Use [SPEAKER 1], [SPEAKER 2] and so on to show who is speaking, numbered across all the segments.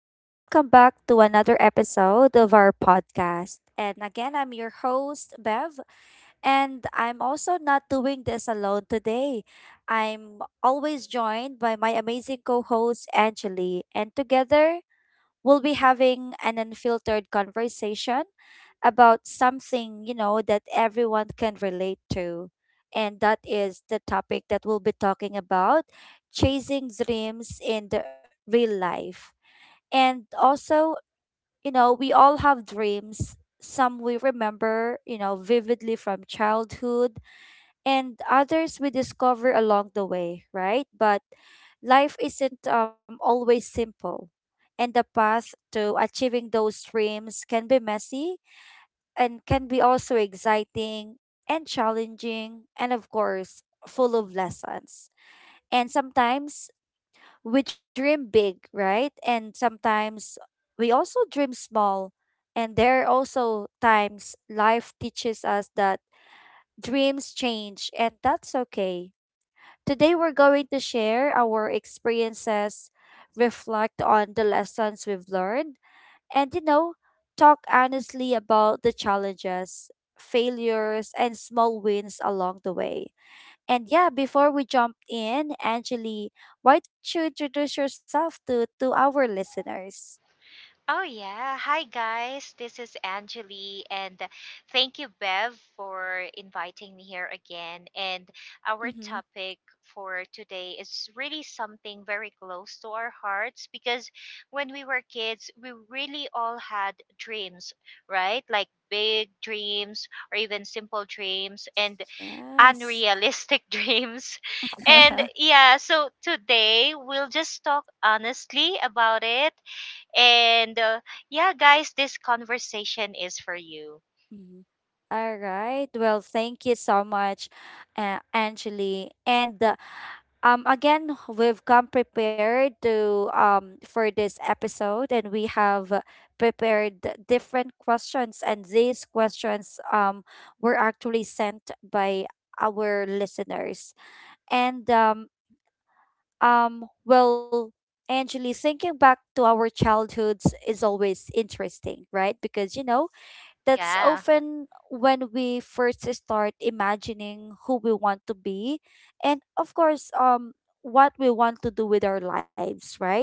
[SPEAKER 1] and welcome back to another episode of our podcast. And again, I'm your host, Bev, and I'm also not doing this alone today. I'm always joined by my amazing co host, Angeli, and together we'll be having an unfiltered conversation about something that everyone can relate to. And that is the topic that we'll be talking about chasing dreams in the real life. And also, we all have dreams. Some we remember, vividly from childhood, and others we discover along the way, right? But life isn't always simple, and the path to achieving those dreams can be messy and can be also exciting and challenging, and of course, full of lessons. And sometimes we dream big, right? And sometimes we also dream small. And there are also times life teaches us that dreams change, and that's okay. Today, we're going to share our experiences, reflect on the lessons we've learned, and talk honestly about the challenges, failures, and small wins along the way. And yeah, before we jump in, Angeli, why don't you introduce yourself to our listeners?
[SPEAKER 2] Oh, yeah. Hi, guys. This is Anjali, and thank you, Bev, for inviting me here again. And our
[SPEAKER 1] Mm-hmm.
[SPEAKER 2] topic for today is really something very close to our hearts because when we were kids, we really all had dreams, right? Like big dreams or even simple dreams and
[SPEAKER 1] Yes.
[SPEAKER 2] unrealistic dreams. And yeah, so today we'll just talk honestly about it and yeah, guys, this conversation is for you.
[SPEAKER 1] Mhm. All right. Well, thank you so much, Angeli. And again, we've come prepared to for this episode, and we have prepared different questions, and these questions were actually sent by our listeners. And well, Angeli, thinking back to our childhoods is always interesting, right? Because that's
[SPEAKER 2] Yeah.
[SPEAKER 1] often when we first start imagining who we want to be, and of course, what we want to do with our lives, right?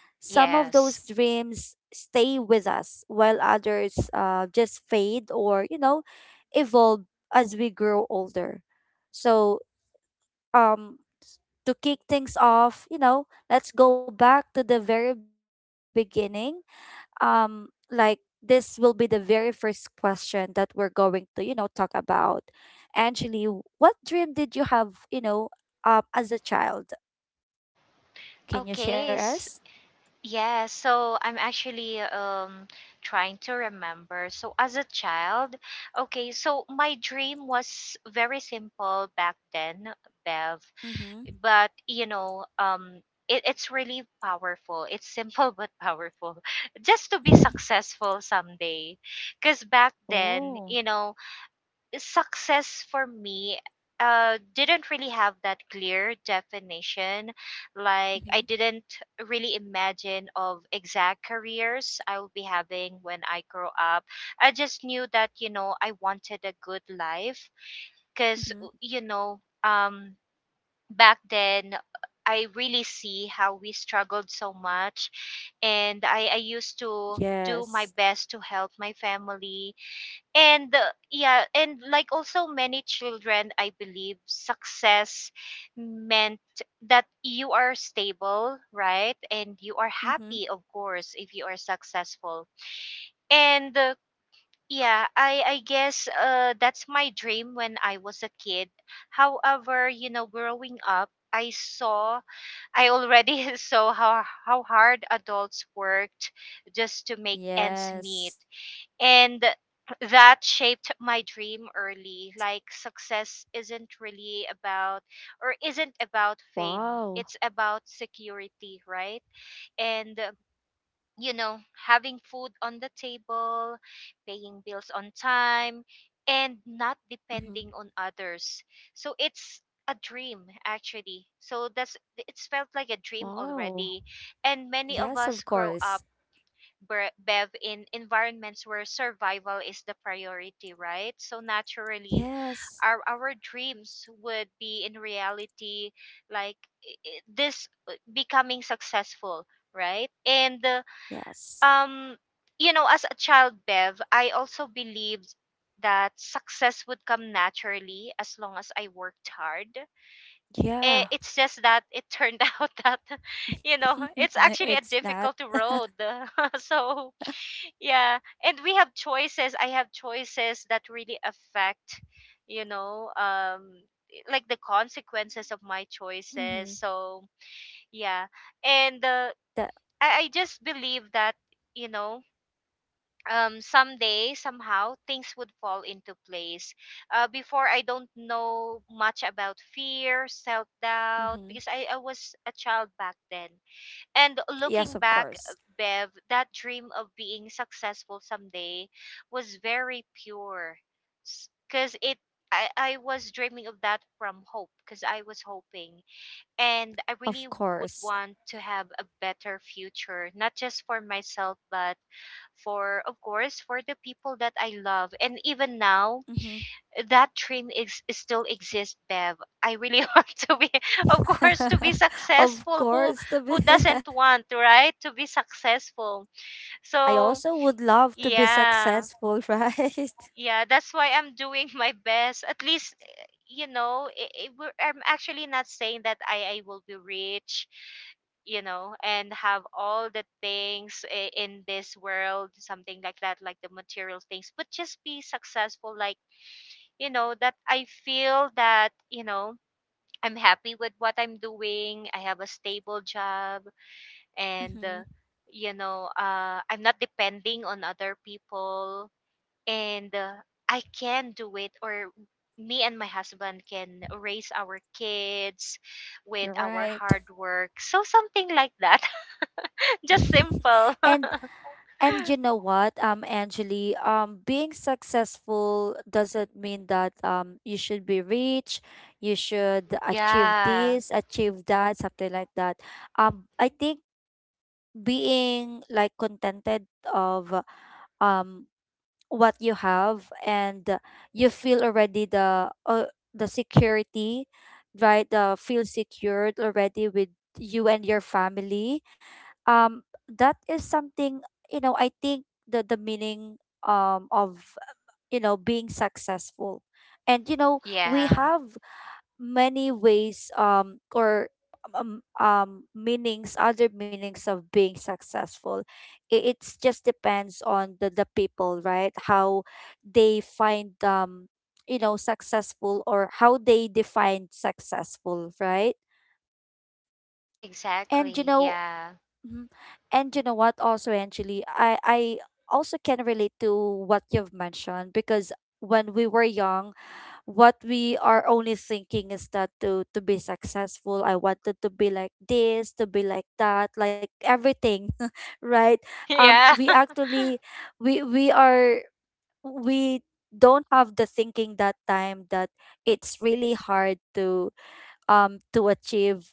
[SPEAKER 1] Some of those
[SPEAKER 2] Yes.
[SPEAKER 1] dreams stay with us while others, just fade or evolve as we grow older. So um to kick things off, let's go back to the very beginning. um like this will be the very first question that we're going to, talk about. Angeli, what dream did you have, as a child? Can you share
[SPEAKER 2] Okay. s-
[SPEAKER 1] us?
[SPEAKER 2] yeah. So I'm actually trying to remember. So as a child, okay. So my dream was very simple back then, Bev.
[SPEAKER 1] Mhm.
[SPEAKER 2] But you know, it's really powerful. It's simple but powerful. Just to be successful someday, because back then, you
[SPEAKER 1] Oh.
[SPEAKER 2] know, success for me didn't really have that clear definition. Like, I
[SPEAKER 1] Mhm.
[SPEAKER 2] didn't really imagine of exact careers I will be having when I grow up. I just knew that, you know, I wanted a good life because,
[SPEAKER 1] Mhm.
[SPEAKER 2] you know, back then I really see how we struggled so much, and I used to do my
[SPEAKER 1] Yes.
[SPEAKER 2] best to help my family. And yeah, and like also many children I believe success meant that you are stable, right? And you are
[SPEAKER 1] Mhm.
[SPEAKER 2] happy, of course, if you are successful. And yeah, I guess that's my dream when I was a kid. However, you know, growing up, I saw, I already saw how hard adults worked just to make ends
[SPEAKER 1] Yes.
[SPEAKER 2] meet, and that shaped my dream early. Like, success isn't really about, or isn't
[SPEAKER 1] Wow.
[SPEAKER 2] about fame, it's about security, right? And You know, having food on the table, paying bills on time, and not
[SPEAKER 1] Mhm.
[SPEAKER 2] depending on others. So it's a dream, actually. So that's, it's felt like a dream
[SPEAKER 1] Wow.
[SPEAKER 2] already. And many of
[SPEAKER 1] Yes, of
[SPEAKER 2] us grow
[SPEAKER 1] course.
[SPEAKER 2] up, Bev, in environments where survival is the priority, right? So naturally,
[SPEAKER 1] Yes.
[SPEAKER 2] our dreams would be in reality, like, I- this becoming successful, right? And
[SPEAKER 1] Yes.
[SPEAKER 2] um, you know, as a child, Bev, I also believed that success would come naturally as long as I worked hard.
[SPEAKER 1] Yeah.
[SPEAKER 2] It's just that it turned out that, you know, it's actually
[SPEAKER 1] It's
[SPEAKER 2] a
[SPEAKER 1] not.
[SPEAKER 2] difficult road. so yeah, and we have choices. I have choices that really affect, you know, like the consequences of my choices.
[SPEAKER 1] Mhm.
[SPEAKER 2] So, yeah. And
[SPEAKER 1] That.
[SPEAKER 2] I just believe that, you know, someday somehow things would fall into place. Before I don't know much about fear, self-doubt
[SPEAKER 1] Mhm.
[SPEAKER 2] because I was a child back then. And
[SPEAKER 1] Yes, of
[SPEAKER 2] looking
[SPEAKER 1] course.
[SPEAKER 2] back, Bev, that dream of being successful someday was very pure. Because it, I was dreaming of that from hope, because I was hoping. And I
[SPEAKER 1] Of
[SPEAKER 2] really would
[SPEAKER 1] course.
[SPEAKER 2] want to have a better future, not just for myself, but for, of course, for the people that I love. And even now,
[SPEAKER 1] Hmm.
[SPEAKER 2] that train is, still exists, Bev. I really want to be, of course, to be
[SPEAKER 1] Of
[SPEAKER 2] successful.
[SPEAKER 1] course to be.
[SPEAKER 2] Who doesn't want, right? To be successful.
[SPEAKER 1] I
[SPEAKER 2] So
[SPEAKER 1] also would love to be
[SPEAKER 2] yeah,
[SPEAKER 1] successful, right?
[SPEAKER 2] yeah. That's why I'm doing my best. At least, you know, we're, I'm actually not saying that I will be rich, you know, and have all the things in this world, something like that, like the material things. But just be successful, like, you know, that I feel that, you know, I'm happy with what I'm doing. I have a stable job, and
[SPEAKER 1] Hmm.
[SPEAKER 2] uh, you know, I'm not depending on other people. And I can do it, or me and my husband can raise our kids with
[SPEAKER 1] You're
[SPEAKER 2] our
[SPEAKER 1] right.
[SPEAKER 2] hard work, so something like that. Just simple.
[SPEAKER 1] and and you know what, Angeli, being successful doesn't mean that you should be rich, you should achieve
[SPEAKER 2] Yeah.
[SPEAKER 1] this, achieve that, something like that. I think being like contented of um what you have, and you feel already the, the security, right? The feel secured already with you and your family, um that is something. I think the meaning, of, being successful. And we
[SPEAKER 2] Yeah,
[SPEAKER 1] have many ways, or um, um meanings, other meanings of being successful. It's just depends on the people, right? How they find, successful, or how they define successful, right? and you
[SPEAKER 2] exactly,
[SPEAKER 1] know
[SPEAKER 2] yeah.
[SPEAKER 1] Mhm. And you know what, also actually I also can relate to what you've mentioned, because when we were young, what we are only thinking is that to be successful, I wanted to be like this, to be like that, like everything. Right?
[SPEAKER 2] Yeah.
[SPEAKER 1] We actually, we we are we don't have the thinking that time that it's really hard to, to achieve,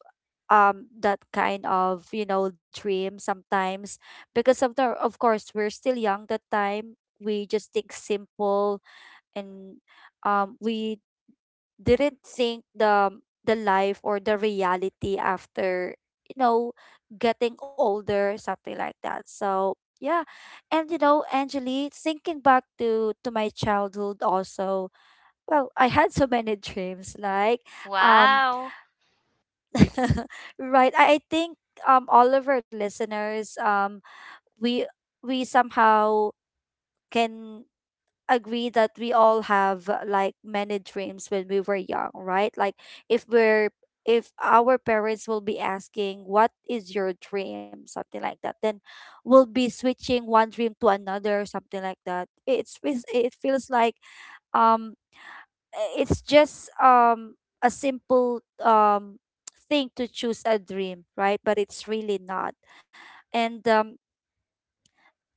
[SPEAKER 1] that kind of, dream sometimes, because of the, of course, we're still young that time, we just think simple. And we didn't think the life or the reality after, you know getting older, something like that. So yeah. And Angeli, thinking back to my childhood also. Well, I had so many dreams, like, um
[SPEAKER 2] Wow.
[SPEAKER 1] right? I think, all of our listeners, we we somehow can agree that we all have, like, many dreams when we were young, right? Like, if we're, if our parents will be asking, what is your dream, something like that, then we'll be switching one dream to another, something like that. It feels like, um it's just, a simple, thing to choose a dream, right? But it's really not. And um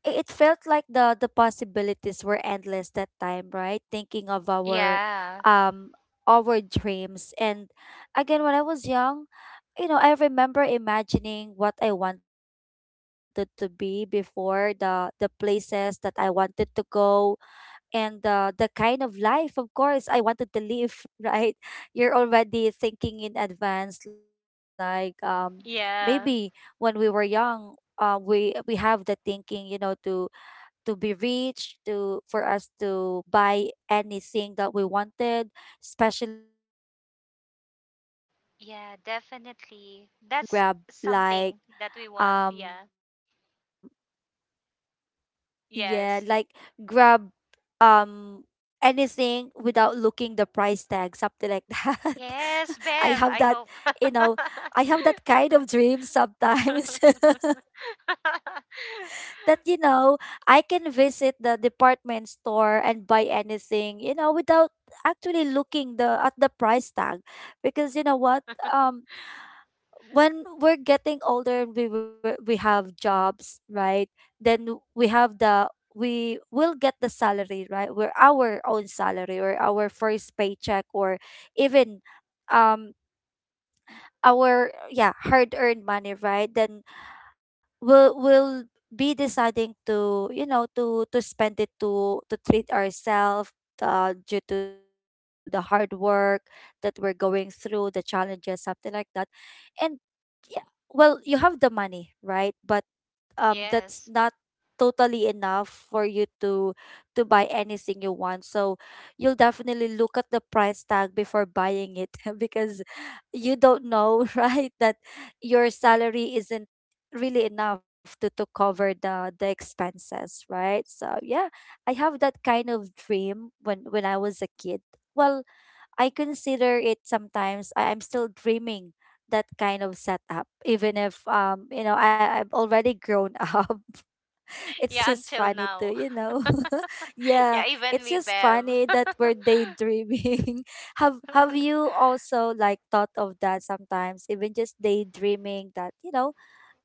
[SPEAKER 1] i- it felt like the possibilities were endless that time, right? Thinking of our,
[SPEAKER 2] Yeah.
[SPEAKER 1] um our dreams. And again, when I was young, I remember imagining what I wanted to be before, the places that I wanted to go, and the kind of life, of course, I wanted to live. Right? You're already thinking in advance, like, maybe
[SPEAKER 2] Yeah.
[SPEAKER 1] when we were young, we have the thinking, to be rich, to, for us to buy anything that we wanted, especially if we go to the
[SPEAKER 2] Yeah,
[SPEAKER 1] department store, we're
[SPEAKER 2] definitely.
[SPEAKER 1] going to
[SPEAKER 2] That's
[SPEAKER 1] grab,
[SPEAKER 2] something
[SPEAKER 1] like,
[SPEAKER 2] that we want. Yeah.
[SPEAKER 1] um yeah like grab
[SPEAKER 2] Yes.
[SPEAKER 1] um anything without looking the price tag, something like that. i
[SPEAKER 2] Yes,
[SPEAKER 1] have that
[SPEAKER 2] Bev, I
[SPEAKER 1] you
[SPEAKER 2] hope.
[SPEAKER 1] know I have that kind of dream sometimes. That, I can visit the department store and buy anything, without actually looking the at the price tag. Because, you know what um when we're getting older and we have jobs, right? Then we have the we will get the salary, right? We're our own salary, or our first paycheck, or even, um our, yeah, hard earned money, right? Then will be deciding to, to spend it, to treat ourselves, due to the hard work that we're going through, the challenges, something like that. And yeah. Well, you have the money, right? But that's
[SPEAKER 2] Yes.
[SPEAKER 1] not totally enough for you to buy anything you want. So you'll definitely look at the price tag before buying it. Because you don't know, right, that your salary isn't really enough to cover the expenses, right? So yeah. I have that kind of dream when I was a kid. Well, I consider it sometimes, I'm still dreaming that kind of setup, even if, I'm already grown up. It's
[SPEAKER 2] Yeah,
[SPEAKER 1] just
[SPEAKER 2] until
[SPEAKER 1] funny to,
[SPEAKER 2] now.
[SPEAKER 1] you know. Yeah.
[SPEAKER 2] Yeah, even
[SPEAKER 1] It's
[SPEAKER 2] me,
[SPEAKER 1] just
[SPEAKER 2] Bev.
[SPEAKER 1] funny that we're daydreaming. Have you also, like, thought of that sometimes? Even just daydreaming that,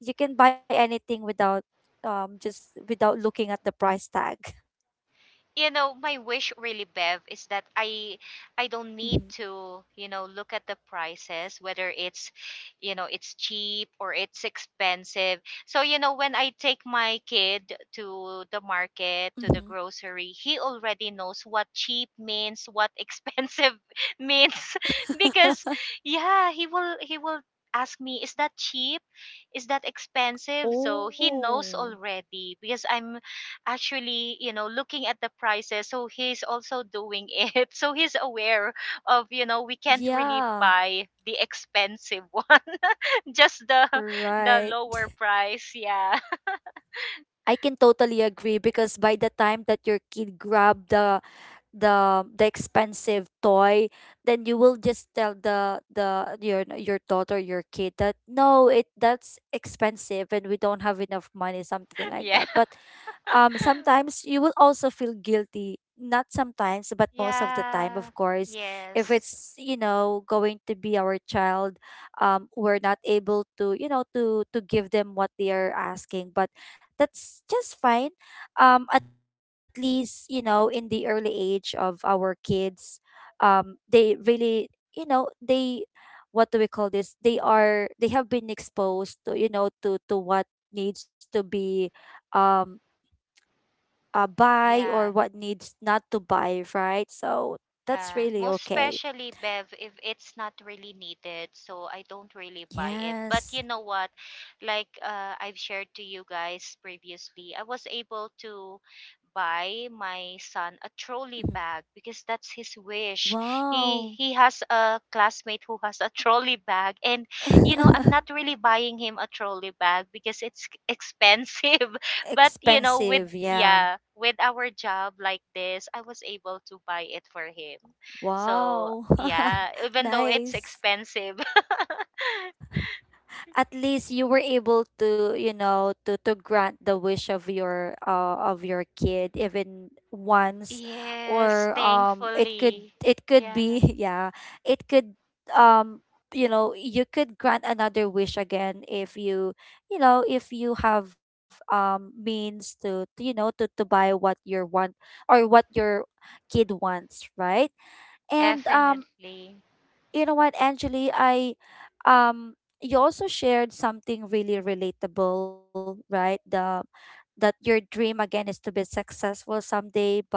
[SPEAKER 1] you can buy anything without, just without looking at the price tag.
[SPEAKER 2] You know, my wish really, Bev, is that I don't need to, you know, look at the prices, whether it's, you know, it's cheap or it's expensive. So, you know, when I take my kid to the market,
[SPEAKER 1] Mm-hmm.
[SPEAKER 2] to the grocery, he already knows what cheap means, what expensive means.
[SPEAKER 1] Mm-hmm.
[SPEAKER 2] Because yeah, he will ask me, is that cheap, is that expensive? So he
[SPEAKER 1] Oh.
[SPEAKER 2] knows already, because I'm actually, you know, looking at the prices, so he's also doing it. So he's aware of, you know, we can't really
[SPEAKER 1] Yeah.
[SPEAKER 2] buy the expensive one, just the
[SPEAKER 1] Right.
[SPEAKER 2] lower price. Yeah.
[SPEAKER 1] I can totally agree, because by the time that your kid grab the expensive toy, then you will just tell the your daughter, your kid that no, it that's expensive and we don't have enough money, something like that.
[SPEAKER 2] Yeah.
[SPEAKER 1] But sometimes you will also feel guilty, not sometimes but most of the time, of
[SPEAKER 2] Yeah.
[SPEAKER 1] course. If
[SPEAKER 2] Yes.
[SPEAKER 1] it's, going to be our child, we're not able to, to give them what they are asking, but that's just fine. At least, in the early age of our kids, they really, you know they what do we call this, they have been exposed to, to what needs to be, um buy, or
[SPEAKER 2] Yeah.
[SPEAKER 1] what needs not to buy, right? So that's
[SPEAKER 2] Yeah,
[SPEAKER 1] really
[SPEAKER 2] most
[SPEAKER 1] okay.
[SPEAKER 2] especially, Bev, if it's not really needed. So I don't really buy it. But
[SPEAKER 1] Yes.
[SPEAKER 2] you know what? Like, I've shared to you guys previously, I was able to buy my son a
[SPEAKER 1] Mhm.
[SPEAKER 2] trolley bag because that's his wish.
[SPEAKER 1] Wow.
[SPEAKER 2] He has a classmate who has a trolley bag, and you know, I'm not really buying him a trolley bag because it's expensive. But you know,
[SPEAKER 1] Expensive.
[SPEAKER 2] with,
[SPEAKER 1] Yeah.
[SPEAKER 2] yeah, with our job like this, I was able to buy it for him. So
[SPEAKER 1] Wow.
[SPEAKER 2] yeah, even though it's
[SPEAKER 1] Nice.
[SPEAKER 2] expensive.
[SPEAKER 1] At least you were able to, to grant the wish of your, of your kid, even once.
[SPEAKER 2] Yes,
[SPEAKER 1] Or it could,
[SPEAKER 2] thankfully.
[SPEAKER 1] it could
[SPEAKER 2] Yeah,
[SPEAKER 1] be. Yeah, it could, um you could grant another wish again if you, you know if you have means to to buy what your want, or what your kid wants, right? And,
[SPEAKER 2] definitely.
[SPEAKER 1] you know what, Angeli, I um you also shared something really relatable, right? The that your dream, again, is to be successful someday. But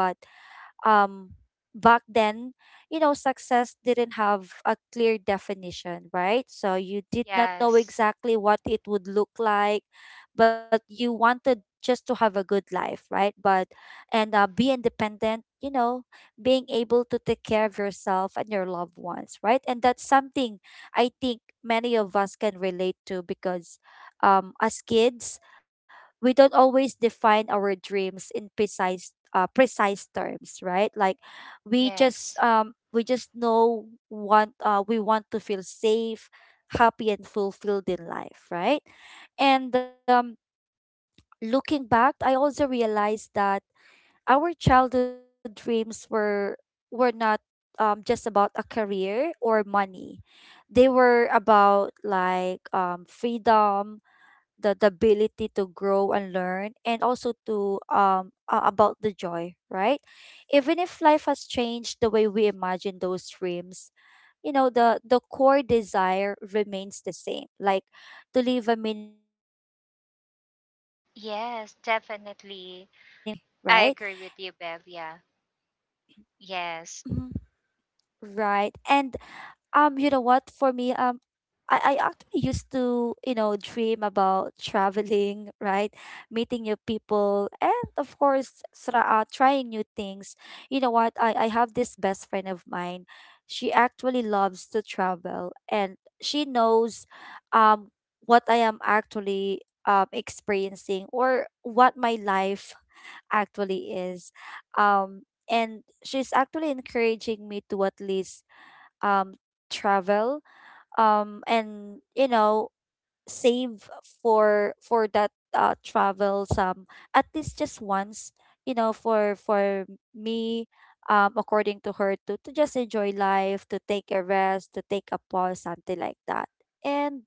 [SPEAKER 1] um back then, success didn't have a clear definition, right? So you did not know
[SPEAKER 2] Yes.
[SPEAKER 1] exactly what it would look like. But you wanted just to have a good life, right? But and uh, be independent, being able to take care of yourself and your loved ones, right? And that's something I think many of us can relate to, because as kids, we don't always define our dreams in precise, precise terms, right? Like,
[SPEAKER 2] Yes.
[SPEAKER 1] we just know want we want to feel safe, happy and fulfilled in life, right? And looking back, I also realized that our childhood dreams were not, just about a career or money. They were about like freedom, the ability to grow and learn and also to about the joy, right? Even if life has changed the way we imagine those dreams, the core desire remains the same, like to live a meaningful life and
[SPEAKER 2] Yes,
[SPEAKER 1] find happiness
[SPEAKER 2] definitely.
[SPEAKER 1] in our own
[SPEAKER 2] I
[SPEAKER 1] way,
[SPEAKER 2] agree with you,
[SPEAKER 1] right.
[SPEAKER 2] Bev. Yeah. Yes.
[SPEAKER 1] Mhm. Right. And what for me, I actually used to, dream about traveling, right? Meeting new people and of course trying new things. You know what? I have this best friend of mine. She actually loves to travel and she knows um what I am actually experiencing, or what my life actually is. Um and she's actually encouraging me to at least um travel, and save for that travel some, at least just once, for me, according to her, to just enjoy life, to take a rest, to take a pause, something like that. And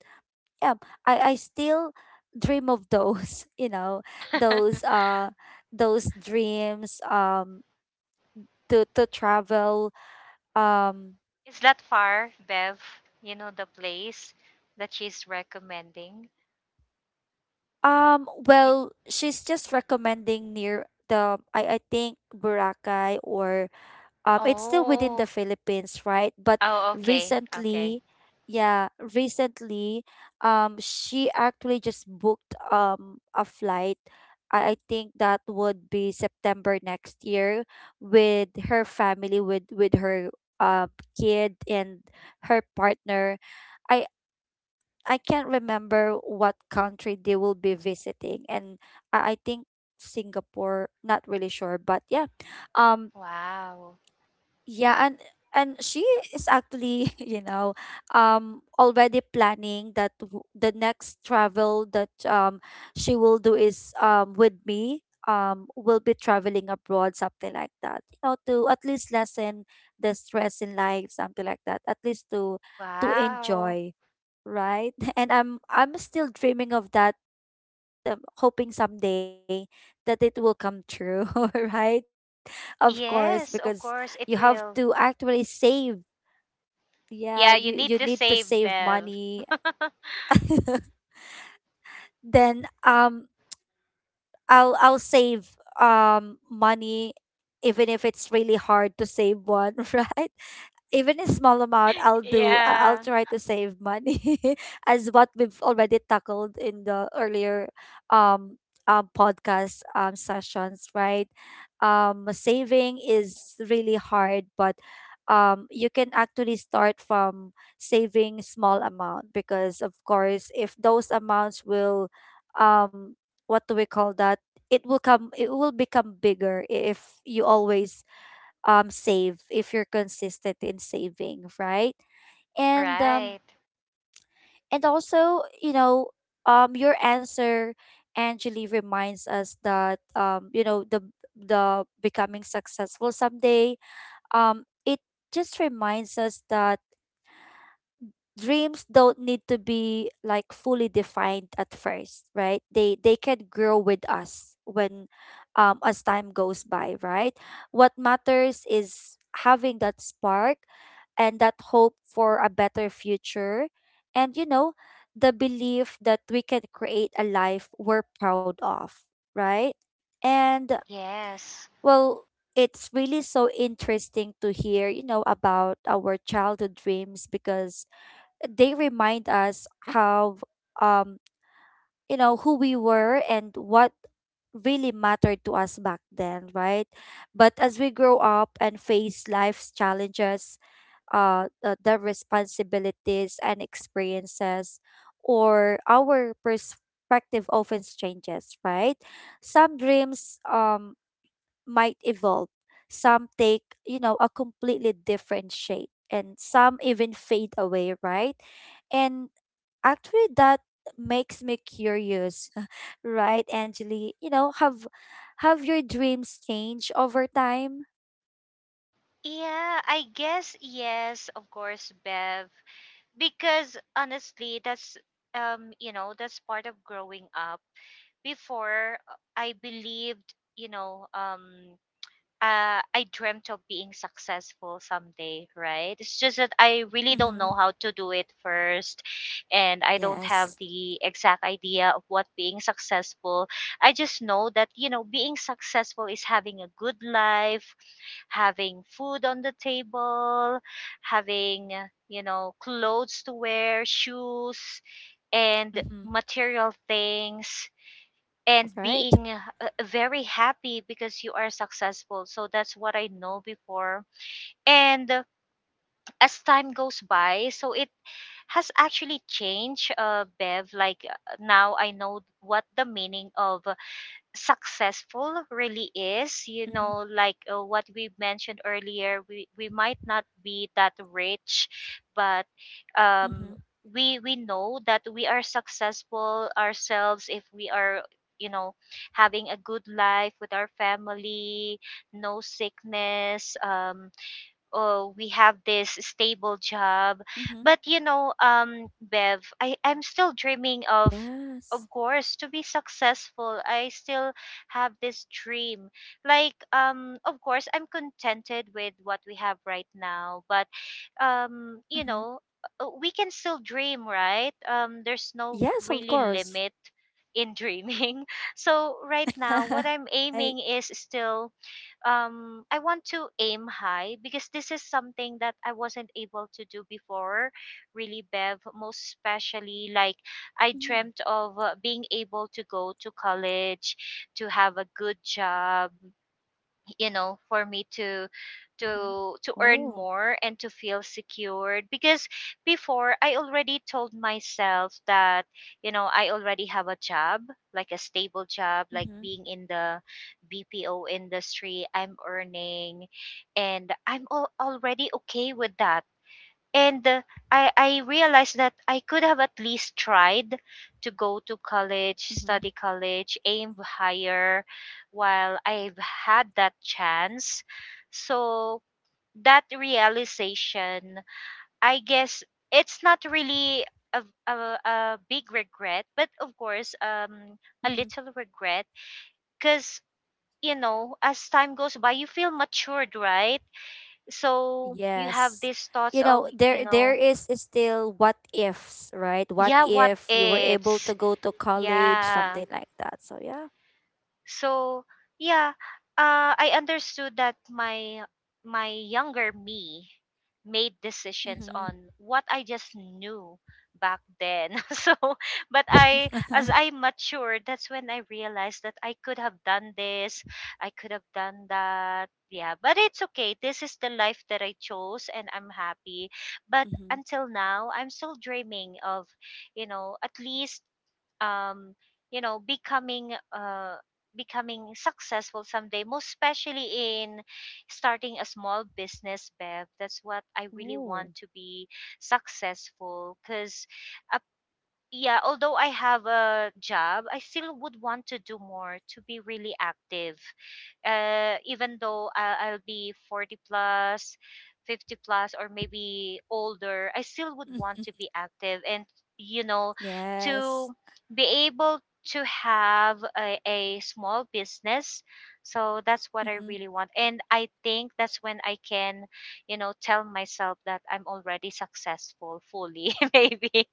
[SPEAKER 1] Yeah, I still dream of those, you know, those uh those dreams, to travel, um
[SPEAKER 2] Is that far, Bev? You know, the place that she's recommending.
[SPEAKER 1] um,
[SPEAKER 2] Y-
[SPEAKER 1] well, she's just recommending near the, I think, Boracay, or it's still within the
[SPEAKER 2] oh.
[SPEAKER 1] Philippines, right? But
[SPEAKER 2] Oh, okay. Okay.
[SPEAKER 1] recently, yeah, recently, she actually just booked a flight. I think that would be September next year with her family, with her kid and her partner. I I can't remember what country they will be visiting, and I think Singapore. Not really sure, but yeah, um,
[SPEAKER 2] Wow.
[SPEAKER 1] yeah, and she is actually, you know, already planning that the next travel that she will do is with me, will be traveling abroad, something like that. You know, to at least lessen the stress in life, something like that. At least to
[SPEAKER 2] Wow.
[SPEAKER 1] enjoy, right? And I'm still dreaming of that, hoping someday that it will come true, right? Of course,
[SPEAKER 2] Yes,
[SPEAKER 1] because
[SPEAKER 2] of course
[SPEAKER 1] you
[SPEAKER 2] it
[SPEAKER 1] have
[SPEAKER 2] will.
[SPEAKER 1] to actually save. Yeah,
[SPEAKER 2] Yeah, you
[SPEAKER 1] you
[SPEAKER 2] need
[SPEAKER 1] you
[SPEAKER 2] to
[SPEAKER 1] need to
[SPEAKER 2] save,
[SPEAKER 1] save
[SPEAKER 2] Bev.
[SPEAKER 1] money. Then I'll save money, even if it's really hard to save one, right? Even a small amount, I'll
[SPEAKER 2] Yeah.
[SPEAKER 1] try to save money, as what we've already tackled in the earlier um podcast sessions, right? Saving is really hard, but you can actually start from saving small amount, because of course, if those amounts will um what do we call that, it will become bigger if you always save, if you're consistent in saving, right? And um
[SPEAKER 2] Right.
[SPEAKER 1] and also, you know, your answer, Angeli, reminds us that you know, the becoming successful someday, it just reminds us that dreams don't need to be like fully defined at first, right? They can grow with us when, as time goes by, right? What matters is having that spark and that hope for a better future, and you know, the belief that we can create a life we're proud of, right? And
[SPEAKER 2] Yes.
[SPEAKER 1] well, it's really so interesting to hear, you know, about our childhood dreams, because they remind us how, um you know, who we were and what really mattered to us back then, right? But as we grow up and face life's challenges, the, responsibilities and experiences, or our perspective often changes, right? Some dreams might evolve, some take, you know, a completely different shape, and some even fade away, right? and Actually, that makes me curious, right, Angeli? Have your dreams changed over time?
[SPEAKER 2] Yeah, I guess yes, of course, Bev. Because honestly, that's you know, that's part of growing up. Before, I believed, you know, I dreamt of being successful someday, right? It's just that I really don't
[SPEAKER 1] Mm-hmm.
[SPEAKER 2] know how to do it first, and I don't have
[SPEAKER 1] Yes.
[SPEAKER 2] the exact idea of what being successful. I just know that, you know, being successful is having a good life, having food on the table, having, you know, clothes to wear, shoes, and
[SPEAKER 1] Mm-hmm.
[SPEAKER 2] material things, and
[SPEAKER 1] Right.
[SPEAKER 2] being, very happy because you are successful. So that's what I know before. And as time goes by, so it has actually changed, Bev. Like, now I know what the meaning of, successful
[SPEAKER 1] Mm-hmm.
[SPEAKER 2] really is. You know, like, what we mentioned earlier, we might not be that rich, but
[SPEAKER 1] Mm-hmm.
[SPEAKER 2] um we know that we are successful ourselves if we are, you know, having a good life with our family, no sickness, oh we have this stable job.
[SPEAKER 1] Mm-hmm.
[SPEAKER 2] But you know, Bev, I, I'm still
[SPEAKER 1] Yes.
[SPEAKER 2] dreaming of course, to be successful. I still have this dream. Like, of course, I'm contented with what we have right now, but
[SPEAKER 1] Mm-hmm.
[SPEAKER 2] you know, we can still dream, right? There's no
[SPEAKER 1] Yes, of
[SPEAKER 2] really
[SPEAKER 1] course.
[SPEAKER 2] limit in dreaming. So right now, what I'm
[SPEAKER 1] I.
[SPEAKER 2] aiming is still, I want to aim high, because this is something that I wasn't able to do before, really, Bev, most especially. Like,
[SPEAKER 1] Mm-hmm.
[SPEAKER 2] I dreamt of, being able to go to college, to have a good job, you know, for me
[SPEAKER 1] Mm-hmm.
[SPEAKER 2] to earn
[SPEAKER 1] Oh.
[SPEAKER 2] more and to feel secured. Because before, I already told myself that, you know, I already have a job, like a stable job, like
[SPEAKER 1] Mm-hmm.
[SPEAKER 2] being in the BPO industry, I'm earning, and I'm already okay with that. And I realized that I could have at least tried to go to
[SPEAKER 1] Mm-hmm.
[SPEAKER 2] college, study college, aim higher while I've had that chance. So that realization, I guess, it's not really a, a big regret, but of course,
[SPEAKER 1] Mm-hmm.
[SPEAKER 2] a little regret. Because, you know, as time goes by, you feel matured, right? So you have
[SPEAKER 1] Yes.
[SPEAKER 2] these thoughts
[SPEAKER 1] You
[SPEAKER 2] of,
[SPEAKER 1] know,
[SPEAKER 2] you
[SPEAKER 1] there there
[SPEAKER 2] know,
[SPEAKER 1] is still what ifs, right? What
[SPEAKER 2] yeah, what
[SPEAKER 1] if you were able
[SPEAKER 2] ifs.
[SPEAKER 1] to go to college,
[SPEAKER 2] Yeah.
[SPEAKER 1] something like that. So yeah.
[SPEAKER 2] So, yeah, I understood that my younger me made decisions
[SPEAKER 1] Mm-hmm.
[SPEAKER 2] on what I just knew back then. So, but I, as I matured, that's when I realized that I could have done this, I could have done that. Yeah, but it's okay. This is the life that I chose and I'm happy.
[SPEAKER 1] Mm-hmm.
[SPEAKER 2] But until now, I'm still dreaming of, you know, at least, um, you know, becoming successful someday, most especially in starting a small business, Bev. That's what I really
[SPEAKER 1] Oh.
[SPEAKER 2] want, to be successful. Because yeah, although I have a job, I still would want to do more to be really active. Even though I'll be 40 plus, 50 plus, or maybe older, I still would want to be active and, you know,
[SPEAKER 1] Yes.
[SPEAKER 2] to be able to have a, small business. So that's what I
[SPEAKER 1] Mm-hmm.
[SPEAKER 2] really want. And I think that's when I can, you know, tell myself that I'm already successful fully, maybe.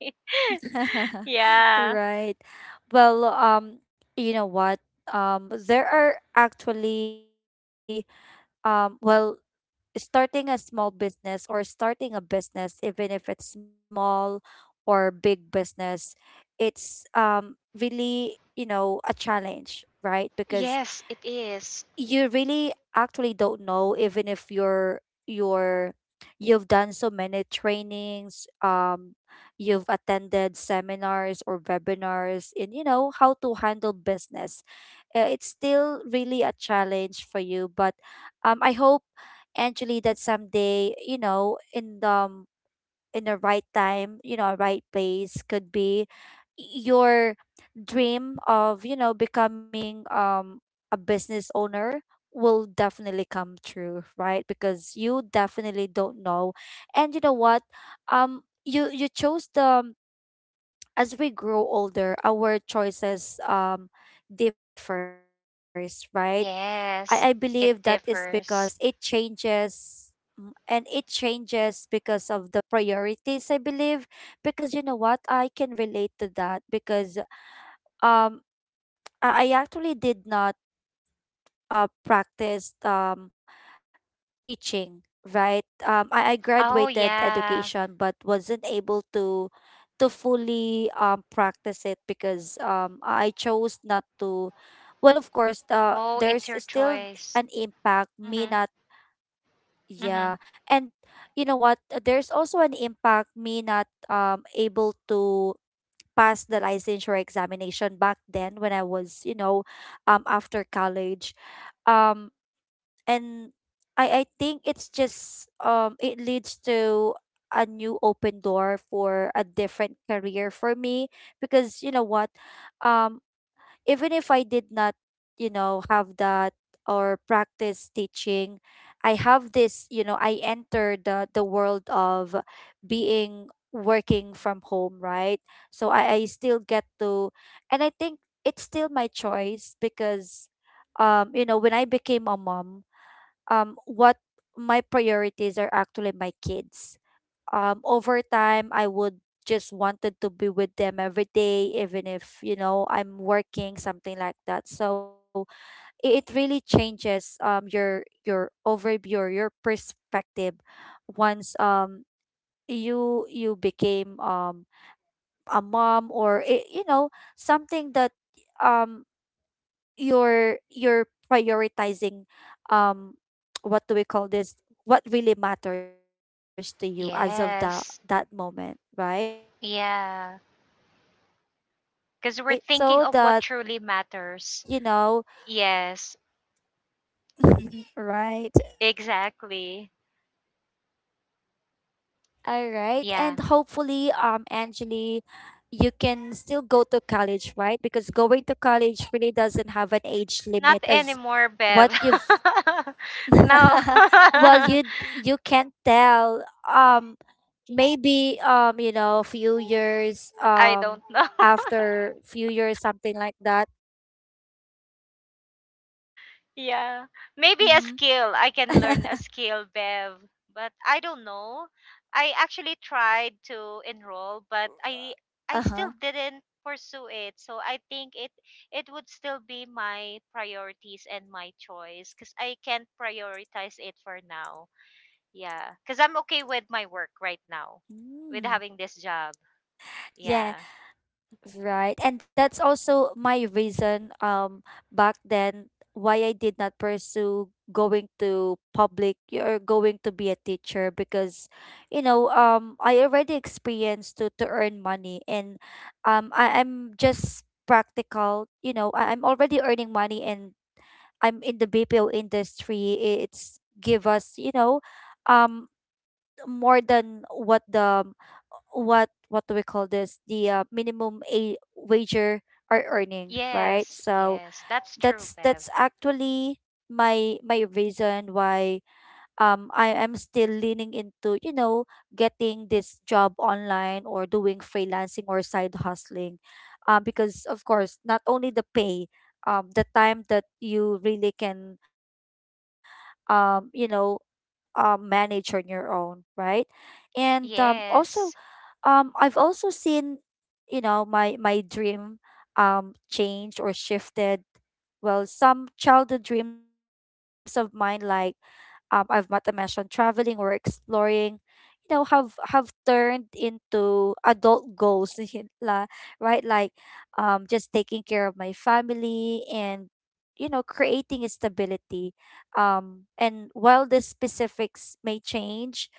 [SPEAKER 2] Yeah.
[SPEAKER 1] Right. Well, you know what? There are actually well, starting a small business or starting a business, even if it's small or big business, it's really, you know, a challenge, right? Because
[SPEAKER 2] Yes, it is.
[SPEAKER 1] you really actually don't know, even if you're you've done so many trainings, you've attended seminars or webinars in, you know, how to handle business, it's still really a challenge for you. But I hope, Angeli, that someday, you know, in the right time, you know, right place could be your dream of, you know, becoming a business owner, will definitely come true, right? Because you definitely don't know. And you know what? You chose the as we grow older, our choices differs, right? I believe that
[SPEAKER 2] Yes,
[SPEAKER 1] is
[SPEAKER 2] it
[SPEAKER 1] because it
[SPEAKER 2] differs.
[SPEAKER 1] changes, mm, and it changes because of the priorities, I believe, because you know what, I can relate to that, because um I actually did not practice teaching, right? I
[SPEAKER 2] Oh,
[SPEAKER 1] graduated
[SPEAKER 2] yeah.
[SPEAKER 1] education, but wasn't able to fully practice it, because I chose not to. Well, of course,
[SPEAKER 2] Oh, it's
[SPEAKER 1] there's
[SPEAKER 2] your
[SPEAKER 1] still
[SPEAKER 2] choice.
[SPEAKER 1] an impact. Me
[SPEAKER 2] Mm-hmm.
[SPEAKER 1] not,
[SPEAKER 2] Mm-hmm.
[SPEAKER 1] yeah, and you know what? There's also an impact. Me not able to pass the licensure examination back then when I was, you know, after college. Um, and I think it's just it leads to a new open door for a different career for me, because you know what, um even if I did not, you know, have that or practice teaching, I have this, you know, I enter the world of being working from home, right? So I still get to, and I think it's still my choice, because you know, when I became a mom, what my priorities are, actually my kids. Over time, I would just wanted to be with them every day, even if, you know, I'm working, something like that. So it really changes your overview or your perspective once you became a mom, or you know, something that um you're prioritizing, um what do we call this, what really matters to you as of that
[SPEAKER 2] Yes.
[SPEAKER 1] moment, right?
[SPEAKER 2] Yeah.
[SPEAKER 1] and Yeah, um I
[SPEAKER 2] Because
[SPEAKER 1] hope
[SPEAKER 2] we're thinking of what
[SPEAKER 1] also
[SPEAKER 2] truly
[SPEAKER 1] that, you know,
[SPEAKER 2] matters. Yes,
[SPEAKER 1] right.
[SPEAKER 2] exactly.
[SPEAKER 1] All right,
[SPEAKER 2] Yeah.
[SPEAKER 1] and hopefully Angeli, you can still go to college, right? Because going to college really doesn't have an age
[SPEAKER 2] Not
[SPEAKER 1] limit as
[SPEAKER 2] anymore, Bev.
[SPEAKER 1] what you've
[SPEAKER 2] No.
[SPEAKER 1] well,
[SPEAKER 2] I
[SPEAKER 1] you can't tell. Maybe you know, few years
[SPEAKER 2] don't know.
[SPEAKER 1] after few years, something like that.
[SPEAKER 2] Yeah. Maybe a
[SPEAKER 1] Mm-hmm.
[SPEAKER 2] skill. I can learn a skill, Bev. But I don't know. I actually tried to enroll, but I
[SPEAKER 1] uh
[SPEAKER 2] I
[SPEAKER 1] huh.
[SPEAKER 2] still didn't pursue it. So I think it would still be my priorities and my choice cuz I can't prioritize it for now. Yeah. Cuz I'm okay with my work right now with
[SPEAKER 1] Mm.
[SPEAKER 2] having this job.
[SPEAKER 1] Yeah.
[SPEAKER 2] Yeah.
[SPEAKER 1] Right. And that's also my reason back then why I did not pursue going to public or going to be a teacher, because you know, I already experienced to earn money, and I'm just practical, you know, I, I'm already earning money, and I'm in the BPO industry. It's give us, you know, um more than what the what do we call this, the minimum a wager are earning, right?
[SPEAKER 2] Yes,
[SPEAKER 1] So
[SPEAKER 2] yes. That's true,
[SPEAKER 1] that's
[SPEAKER 2] Bev.
[SPEAKER 1] actually my reason why I am still leaning into, you know, getting this job online or doing freelancing or side hustling, because of course, not only the pay, the time that you really can you know manage on your own, right? And also,
[SPEAKER 2] Yes.
[SPEAKER 1] I've also seen, you know, my dream change or shifted. Well, some childhood dreams of mine, like, I've what I mentioned, traveling or exploring, you know, have turned into adult goals, you la- right? Like, just taking care of my family and you know, creating a stability. And while the specifics may change,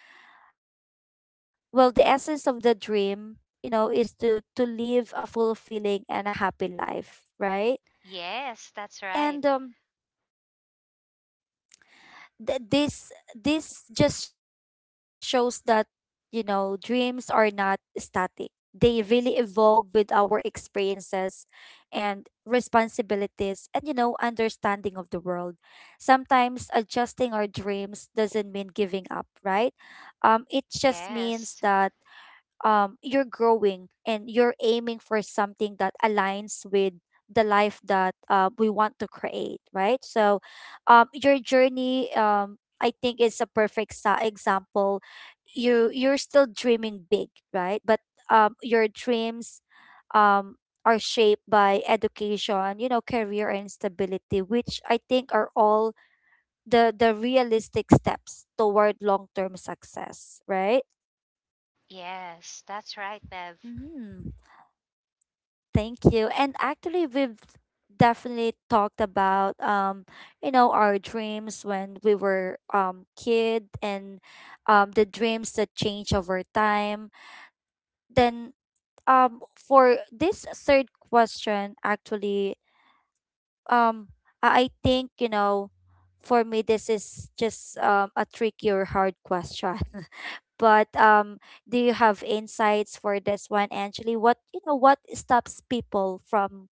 [SPEAKER 1] well, the essence of the dream, you know, is to live a fulfilling and a happy life, right?
[SPEAKER 2] Yes, that's right.
[SPEAKER 1] And this this just shows that, you know, dreams are not static, they really evolve with our experiences and responsibilities and, you know, understanding of the world. Sometimes adjusting our dreams doesn't mean giving up, right? It just means that
[SPEAKER 2] Yes.
[SPEAKER 1] you're growing and you're aiming for something that aligns with the life that, we want to create, right? So your journey, I think is a perfect example. You you're still dreaming big, right? But your dreams um are shaped by education, you know, career and stability, which I think are all the realistic steps toward long-term success, right?
[SPEAKER 2] Yes, that's right, Bev.
[SPEAKER 1] Mm, thank you. And actually, we've definitely talked about you know, our dreams when we were kid, and the dreams that change over time. Then for this third question, actually, um I think, you know, for me this is just a tricky or hard question. But do you have insights for this one, Angeli? What, you know, what stops people from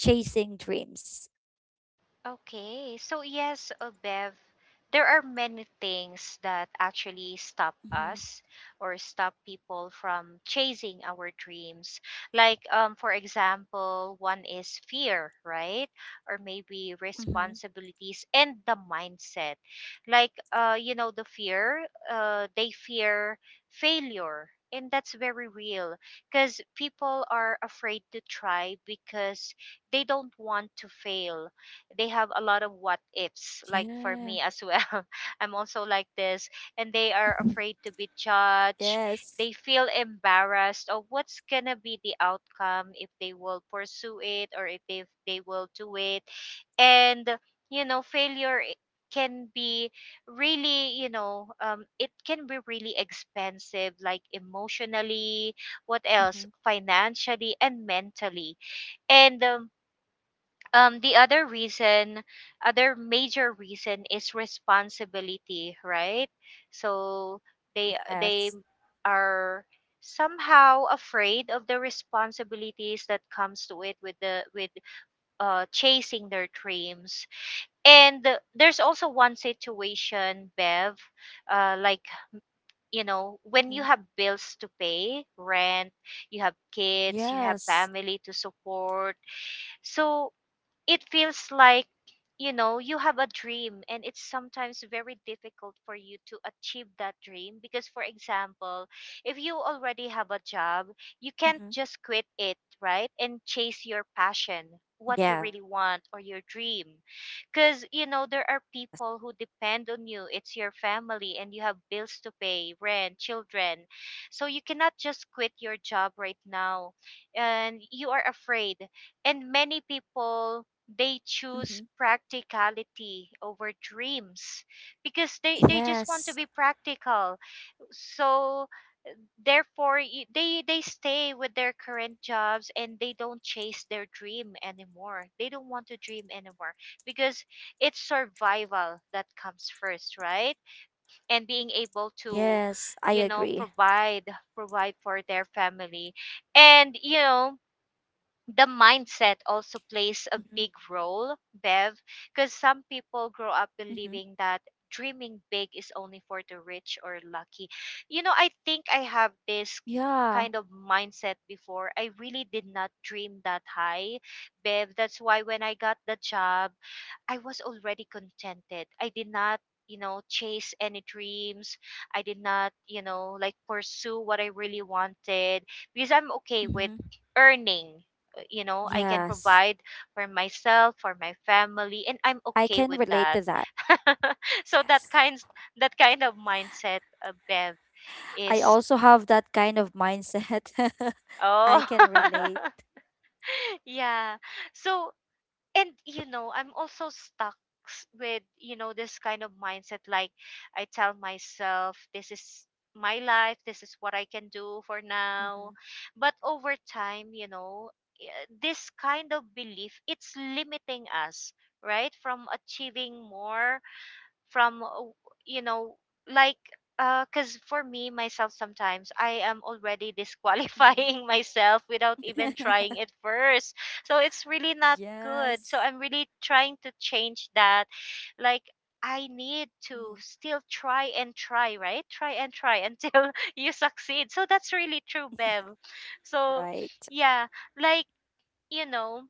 [SPEAKER 1] chasing dreams?
[SPEAKER 2] Okay, so yes, Bev, there are many things that actually stop
[SPEAKER 1] Mm-hmm.
[SPEAKER 2] us or stop people from chasing our dreams. Like, for example, one is fear, right? Or maybe
[SPEAKER 1] Mm-hmm.
[SPEAKER 2] responsibilities and the mindset. Like, you know, the fear, they fear failure. And that's very real because people are afraid to try because they don't want to fail. They have a lot of what ifs, like
[SPEAKER 1] Yeah.
[SPEAKER 2] for me as well. I'm also like this, and they are afraid to be
[SPEAKER 1] Yes.
[SPEAKER 2] judged. They feel embarrassed of what's gonna be the outcome if they will pursue it or if they will do it. And you know, can be really, you know, it can be really expensive, like emotionally,
[SPEAKER 1] Mm-hmm.
[SPEAKER 2] what else, financially and mentally. And the other reason, other major reason is responsibility, right? So they
[SPEAKER 1] Yes.
[SPEAKER 2] they are somehow afraid of the responsibilities that comes to it with the with chasing their dreams. And there's also one situation, Bev, like, you
[SPEAKER 1] Mm-hmm.
[SPEAKER 2] know, when you have bills to pay, rent, you have
[SPEAKER 1] Yes.
[SPEAKER 2] kids, you have family to support. So it feels like, you know, you have a dream and it's sometimes very difficult for you to achieve that dream because, for example, if you already have a job,
[SPEAKER 1] Mm-hmm.
[SPEAKER 2] you can't just quit it, right, and chase your passion, what
[SPEAKER 1] Yes.
[SPEAKER 2] you really want, or your dream, because you know there are people who depend on you. It's your family and you have bills to pay, rent, children. So you cannot just quit your job right now, and you are afraid. And many people, they
[SPEAKER 1] Mm-hmm.
[SPEAKER 2] choose practicality over dreams because they
[SPEAKER 1] Yes.
[SPEAKER 2] just want to be practical. So therefore, they stay with their current jobs and they don't chase their dream anymore, they don't want to dream anymore, because it's survival that comes first, right? And being able to,
[SPEAKER 1] Yes, I
[SPEAKER 2] you
[SPEAKER 1] agree.
[SPEAKER 2] know, provide, provide for their family. And you know, the mindset also plays
[SPEAKER 1] Mm-hmm.
[SPEAKER 2] a big role, Bev, because some people grow up
[SPEAKER 1] Mm-hmm.
[SPEAKER 2] believing that dreaming big is only for the rich or lucky. You know, I think I have this kind of
[SPEAKER 1] Yeah.
[SPEAKER 2] mindset before. I really did not dream that high, Bev. That's why when I got the job, I was already contented. I did not, you know, chase any dreams. I did not, you know, like pursue what I really wanted because I'm okay with
[SPEAKER 1] Mm-hmm.
[SPEAKER 2] earning. You know, I can provide
[SPEAKER 1] Yes,
[SPEAKER 2] for myself, for my family, and I'm
[SPEAKER 1] I
[SPEAKER 2] okay with
[SPEAKER 1] can
[SPEAKER 2] that.
[SPEAKER 1] relate to that.
[SPEAKER 2] So
[SPEAKER 1] Yes,
[SPEAKER 2] that kind of mindset, Bev,
[SPEAKER 1] I
[SPEAKER 2] is
[SPEAKER 1] also have that kind of mindset. I
[SPEAKER 2] oh,
[SPEAKER 1] can relate.
[SPEAKER 2] yeah. So, and you know, I'm also stuck, with, you know, this kind of mindset. Like, I tell myself this is my life, this is what I can do for now.
[SPEAKER 1] Mm-hmm.
[SPEAKER 2] But over time, you know, this kind of belief, it's limiting us, right, from achieving more, from, you know, like, cuz for me myself, sometimes I am already disqualifying myself without even trying it
[SPEAKER 1] Mm-hmm.
[SPEAKER 2] first. So it's really not good, so I'm really
[SPEAKER 1] Yes.
[SPEAKER 2] trying to change that. Like, I need
[SPEAKER 1] Mm-hmm.
[SPEAKER 2] to still try and try, right? Try and try until you succeed. So that's really true, Bev. So,
[SPEAKER 1] Right.
[SPEAKER 2] yeah, like, you know,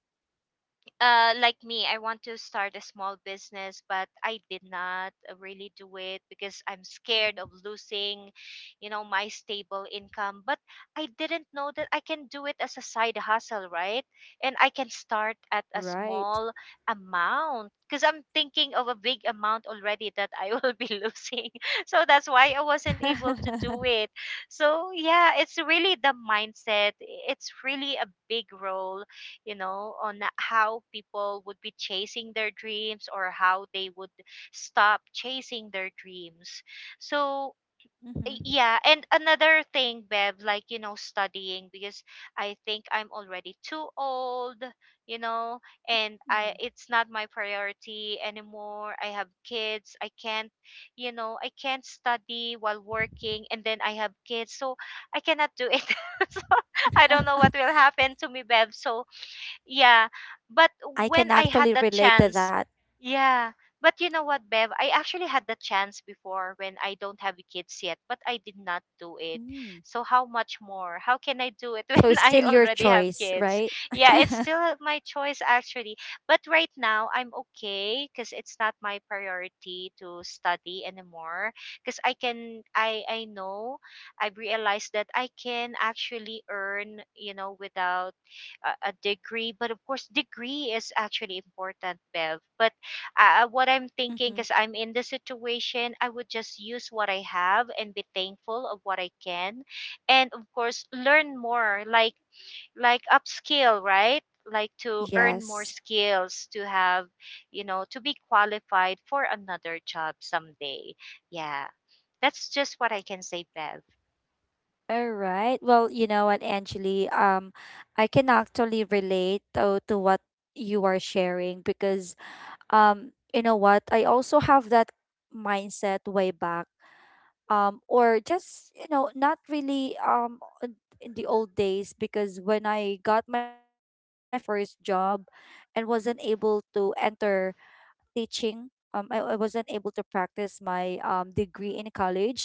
[SPEAKER 2] like me, I want to start a small business, but I did not really do it because I'm scared
[SPEAKER 1] Mm-hmm.
[SPEAKER 2] of losing, you know, my stable income. But I didn't know that I can do it as a side hustle, right? And I can start at a
[SPEAKER 1] Right.
[SPEAKER 2] small amount because I'm thinking of a big amount already that I will be losing. So that's why I wasn't able to do it. So, yeah, it's really the mindset, it's really a big role, you know, on the- how people would be chasing their dreams or how they would stop chasing their dreams. So,
[SPEAKER 1] mm-hmm.
[SPEAKER 2] yeah, and another thing, Bev, like, you know, studying, because I think I'm already too old, you know, and I, it's not my priority anymore. I have kids. I can't, you know, I can't study while working and then I have kids. So, I cannot do it. So, I don't know what will happen to me, Bev. So, yeah. But when
[SPEAKER 1] I
[SPEAKER 2] I
[SPEAKER 1] can
[SPEAKER 2] had the
[SPEAKER 1] actually relate
[SPEAKER 2] chance,
[SPEAKER 1] to that.
[SPEAKER 2] yeah. But you know what, Bev? I actually had the chance before when I don't have kids yet, but I did not do it.
[SPEAKER 1] Mm.
[SPEAKER 2] So how much more? How
[SPEAKER 1] So
[SPEAKER 2] can
[SPEAKER 1] it's
[SPEAKER 2] I
[SPEAKER 1] still
[SPEAKER 2] do it
[SPEAKER 1] your
[SPEAKER 2] when I
[SPEAKER 1] choice,
[SPEAKER 2] already have
[SPEAKER 1] right?
[SPEAKER 2] kids? Yeah, it's still my choice actually. But right now I'm okay because it's not my priority to study anymore. Because I can, I know, I've realized that I can actually earn, you know, without a degree. But of course, degree is actually important, Bev, but what I'm thinking,
[SPEAKER 1] Mm-hmm.
[SPEAKER 2] because I'm in the situation, I would just use what I have and be thankful of what I can. And of course, learn more, like upskill, right? Like, to earn more
[SPEAKER 1] Yes.
[SPEAKER 2] skills, to have, you know, to be qualified for another job someday. Yeah, that's just what I can say, Bev.
[SPEAKER 1] All right. Well, you know what, Angeli, I can actually relate to what you are sharing because you know what, I also have that mindset way back. Or just, you know, not really in the old days because when I got my first job and wasn't able to enter teaching, I wasn't able to practice my degree in college.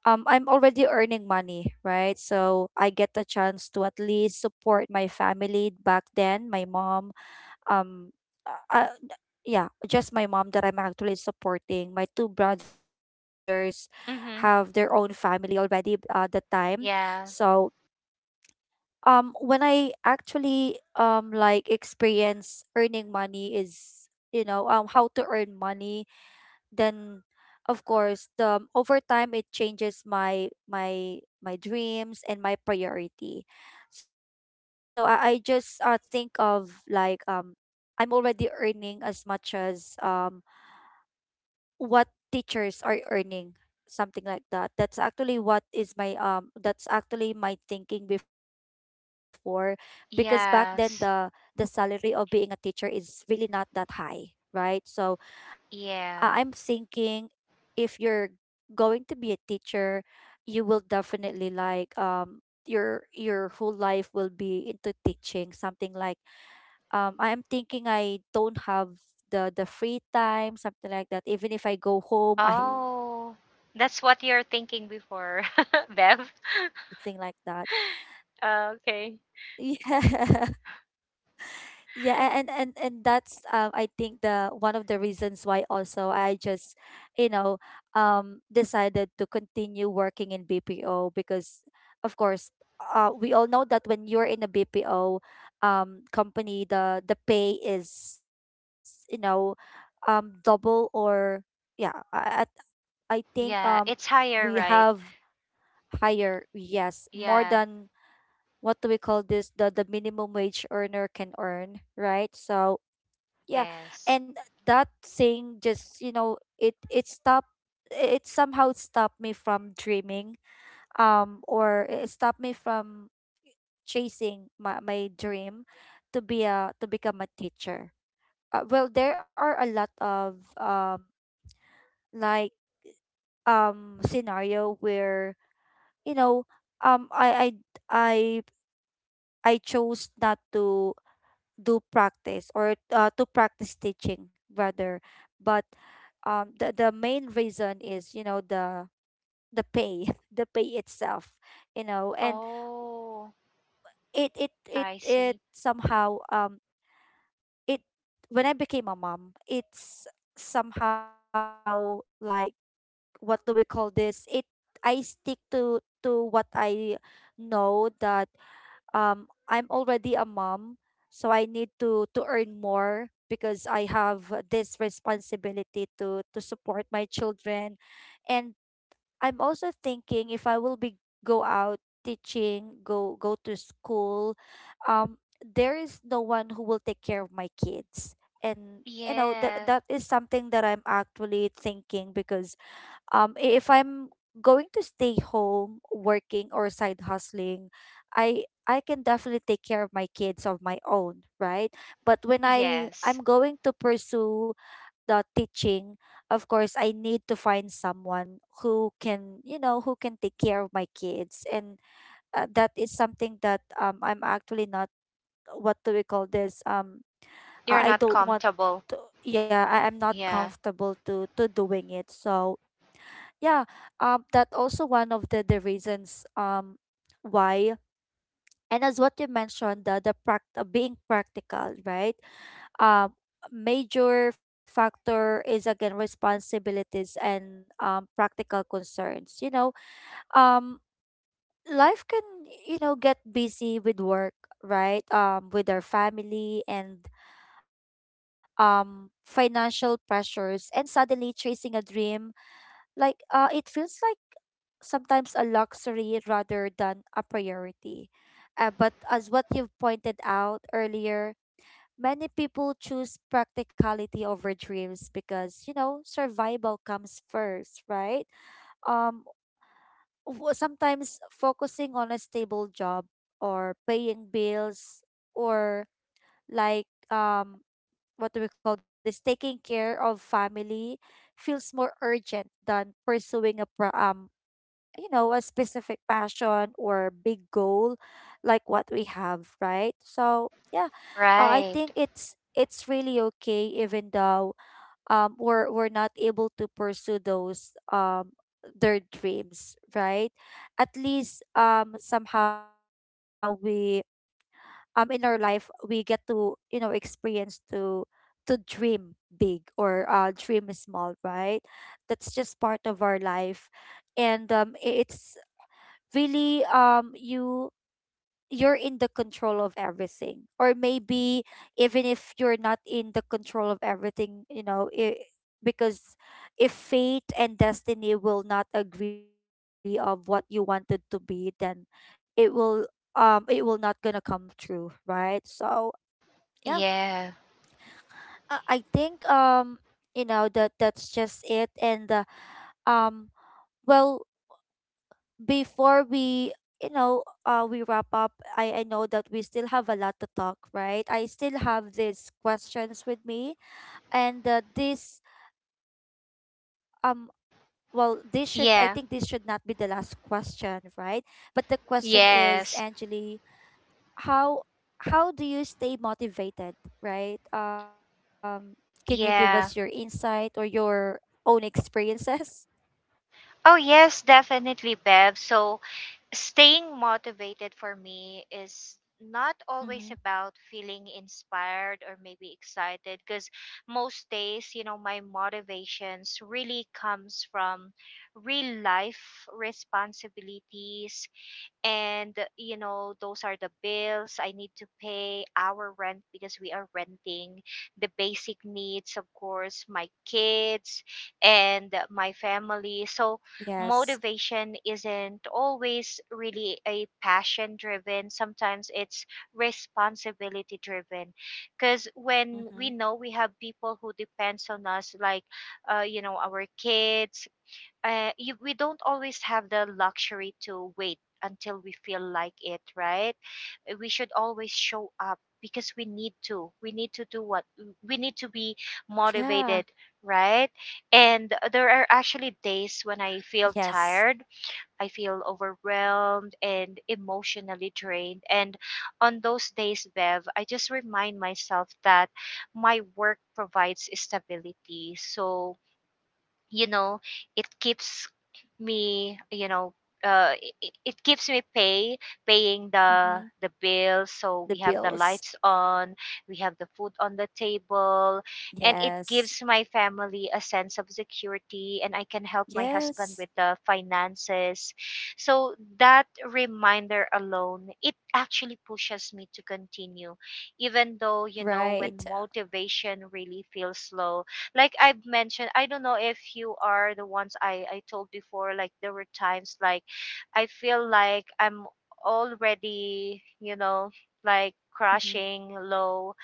[SPEAKER 1] I'm already earning money, right? So I get a chance to at least support my family back then, my mom, um uh, uh, yeah, just my mom that I'm actually supporting. My two brothers have their own
[SPEAKER 2] Mm-hmm.
[SPEAKER 1] family already at the time.
[SPEAKER 2] Yeah.
[SPEAKER 1] So when I actually like experience earning money is, you know, how to earn money, then of course the over time it changes my dreams and my priority. So I just think of like, I'm already earning as much as what teachers are earning, something like that. That's actually what is my that's actually my thinking before, because back then the
[SPEAKER 2] Yes.
[SPEAKER 1] salary of being a teacher is really not that high, right? So I'm
[SPEAKER 2] Yeah.
[SPEAKER 1] thinking if you're going to be a teacher, you will definitely like, your whole life will be into teaching, something like, I am thinking I don't have the free time, something like that. Even if I go home, I
[SPEAKER 2] Oh,
[SPEAKER 1] I
[SPEAKER 2] that's
[SPEAKER 1] need
[SPEAKER 2] what
[SPEAKER 1] to
[SPEAKER 2] you're
[SPEAKER 1] bring
[SPEAKER 2] thinking
[SPEAKER 1] test
[SPEAKER 2] before,
[SPEAKER 1] papers, you know,
[SPEAKER 2] Bev.
[SPEAKER 1] to check and something like that.
[SPEAKER 2] Ah, okay.
[SPEAKER 1] Yeah. Yeah, and that's I think the one of the reasons why also I just, you know, decided to continue working in BPO because, of course, we all know that when you're in a BPO company, the pay is, you know, double or yeah, I think
[SPEAKER 2] Yeah, it's
[SPEAKER 1] we
[SPEAKER 2] higher,
[SPEAKER 1] have
[SPEAKER 2] right?
[SPEAKER 1] higher, yes, more
[SPEAKER 2] Yeah,
[SPEAKER 1] than what do we call this, the minimum wage earner can earn, right? So yeah.
[SPEAKER 2] yes.
[SPEAKER 1] And that thing just, you know, it stopped it somehow stopped me from dreaming, or it stopped me from chasing my, my dream to be a to become a teacher. Well, there are a lot of like scenario where, you know, um i i I chose not to do practice, or to practice teaching rather. But the main reason is, you know, the pay, the pay itself, you know. And
[SPEAKER 2] Oh,
[SPEAKER 1] it it
[SPEAKER 2] I see.
[SPEAKER 1] somehow it when I became a mom, it's somehow like, what do we call this, it I stick to what I know, that, I'm already a mom, so I need to earn more because I have this responsibility to support my children. And I'm also thinking, if I will be go out teaching, go to school, um there is no one who will take care of my kids. And you know that
[SPEAKER 2] Yeah,
[SPEAKER 1] that is something that I'm actually thinking, because if I'm going to stay home working or side hustling, I can definitely take care of my kids of my own, right? But when I
[SPEAKER 2] yes.
[SPEAKER 1] I'm going to pursue the teaching, of course I need to find someone who can, you know, who can take care of my kids. And that is something that I'm actually not, what do we call this, um
[SPEAKER 2] You're
[SPEAKER 1] I I
[SPEAKER 2] not
[SPEAKER 1] don't want
[SPEAKER 2] comfortable.
[SPEAKER 1] to, yeah, I'm not
[SPEAKER 2] Yeah,
[SPEAKER 1] comfortable to doing it. So yeah, that also one of the reasons, why. And as what you mentioned, being practical, right? um Major factor is again responsibilities and practical concerns, you know. um Life can, you know, get busy with work, right? With our family and financial pressures, and suddenly chasing a dream like, it feels like sometimes a luxury rather than a priority. But as what you've pointed out earlier, many people choose practicality over dreams because, you know, survival comes first, right? Um, sometimes focusing on a stable job or paying bills or like, what do we call this, taking care of family feels more urgent than pursuing you know, a specific passion or big goal like what we have, right? So, yeah, I
[SPEAKER 2] right.
[SPEAKER 1] think it's really okay even though we're not able to pursue those their dreams, right? At least somehow we in our life we get to, you know, experience to dream big or dream small, right? That's just part of our life. And it's really you you're in the control of everything, or maybe even if you're not in the control of everything, you know it. Because if fate and destiny will not agree of what you wanted to be, then it will, it will not gonna come true, right? So yeah,
[SPEAKER 2] Yeah,
[SPEAKER 1] I think you know, that that's just it. And um well, before we, you know, we wrap up, I know that we still have a lot to talk, right? I still have these questions with me. And this, um well, this should, I think
[SPEAKER 2] yeah,
[SPEAKER 1] this should not be the last question, right? But the question
[SPEAKER 2] yes,
[SPEAKER 1] is, Angeli, how how do you stay motivated, right? Um, can you give us
[SPEAKER 2] yeah.
[SPEAKER 1] your insight or your own experiences?
[SPEAKER 2] Oh, yes, definitely, Bev. So, staying motivated for me is not always about
[SPEAKER 1] Mm-hmm.
[SPEAKER 2] feeling inspired or maybe excited, because most days, you know, my motivations really comes from real life responsibilities. And you know, those are the bills I need to pay, our rent, because we are renting, the basic needs, of course, my kids and my family. So
[SPEAKER 1] Yes.
[SPEAKER 2] motivation isn't always really a passion driven, sometimes it's responsibility driven, because when we
[SPEAKER 1] Mm-hmm.
[SPEAKER 2] know we have people who depends on us, like, you know, our kids, you, we don't always have the luxury to wait until we feel like it, right? We should always show up because we need to. We need to do what we need to
[SPEAKER 1] Yeah.
[SPEAKER 2] be motivated, right? And there are actually days when
[SPEAKER 1] Yes.
[SPEAKER 2] I feel tired, I feel overwhelmed and emotionally drained. And on those days, Bev, I just remind myself that my work provides stability. So, you know, it keeps me, you know, uh, it keeps me pay, paying
[SPEAKER 1] Mm-hmm.
[SPEAKER 2] the bills, so
[SPEAKER 1] The
[SPEAKER 2] we have the
[SPEAKER 1] bills.
[SPEAKER 2] lights on, we have the food on the table, and it
[SPEAKER 1] Yes.
[SPEAKER 2] gives my family a sense of security, and I can help my husband
[SPEAKER 1] Yes.
[SPEAKER 2] with the finances. So that reminder alone, it actually pushes me to continue even though, you know,
[SPEAKER 1] Right.
[SPEAKER 2] when motivation really feels low, like I've mentioned, I don't know if you are the ones I told before, like there were times, like I feel like I'm already, you know, like
[SPEAKER 1] Mhm.
[SPEAKER 2] crashing low,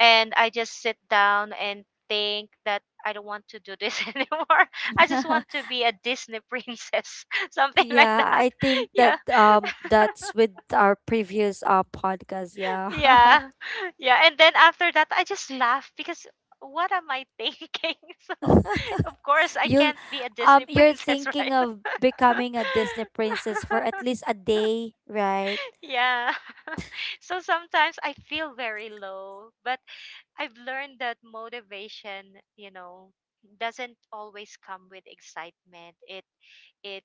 [SPEAKER 2] and I just sit down and think that I don't want to do this anymore. I just want to be a Disney princess, something like
[SPEAKER 1] Yeah,
[SPEAKER 2] that.
[SPEAKER 1] I think that
[SPEAKER 2] Yeah.
[SPEAKER 1] that's with our previous podcast. Yeah.
[SPEAKER 2] Yeah. Yeah. And then after that, I just laugh because what am I thinking? So, of course, I
[SPEAKER 1] You'll
[SPEAKER 2] can't be a Disney
[SPEAKER 1] you're
[SPEAKER 2] princess,
[SPEAKER 1] thinking
[SPEAKER 2] right?
[SPEAKER 1] of becoming a Disney princess for at least a day, right?
[SPEAKER 2] Yeah. So sometimes I feel very low, but I've learned that motivation, you know, doesn't always come with excitement. It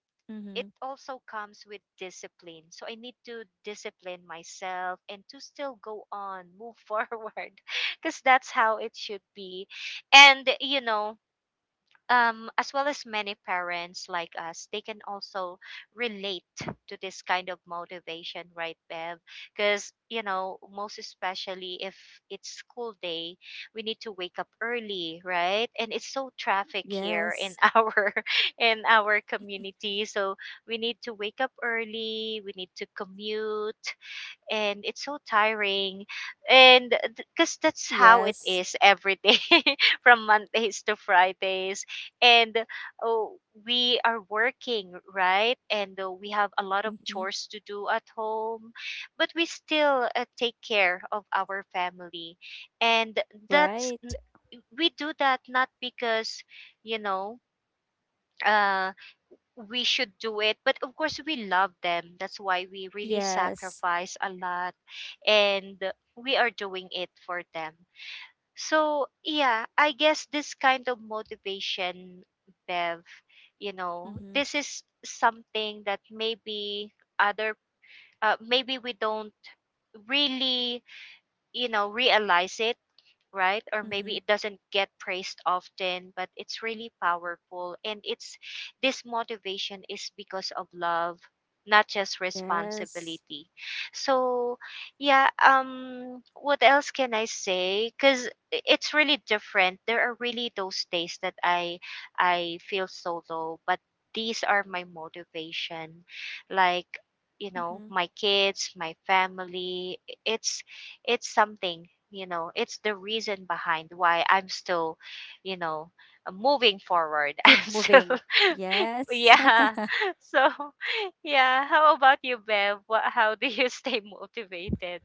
[SPEAKER 2] it
[SPEAKER 1] Mm-hmm.
[SPEAKER 2] also comes with discipline. So I need to discipline myself and to still go on, move forward, because that's how it should be. And you know, as well as many parents like us, they can also relate to this kind of motivation, right, Bev? Because, you know, most especially if it's school day, we need to wake up early, right? And it's so traffic here in
[SPEAKER 1] Yes.
[SPEAKER 2] our, in our community. So we need to wake up early, we need to commute, and it's so tiring, and because that's how it
[SPEAKER 1] Yes.
[SPEAKER 2] is every day from mondays to fridays, and oh, we are working, right, and we have a lot of
[SPEAKER 1] Mm-hmm.
[SPEAKER 2] chores to do at home, but we still take care of our family. And that's
[SPEAKER 1] Right.
[SPEAKER 2] we do that not because, you know, uh we should do it, but of course we love them, that's why we really
[SPEAKER 1] Yes.
[SPEAKER 2] sacrifice a lot, and we are doing it for them. So yeah, I guess this kind of motivation, Bev, you know,
[SPEAKER 1] Mm-hmm.
[SPEAKER 2] this is something that maybe other, maybe we don't really, you know, realize it, right? Or
[SPEAKER 1] Mm-hmm.
[SPEAKER 2] maybe it doesn't get praised often, but it's really powerful. And it's, this motivation is because of love, not just
[SPEAKER 1] Yes.
[SPEAKER 2] responsibility. So, yeah, what else can I say? Because it's really different. There are really those days that I feel so low, but these are my motivation. Like,
[SPEAKER 1] Mm-hmm.
[SPEAKER 2] my kids, my family. It's it's something it's the reason behind why I'm still you know moving
[SPEAKER 1] Keep
[SPEAKER 2] forward. I'm
[SPEAKER 1] moving.
[SPEAKER 2] still.
[SPEAKER 1] Yes.
[SPEAKER 2] Yeah. So yeah, how about you, Bev? How do you stay motivated?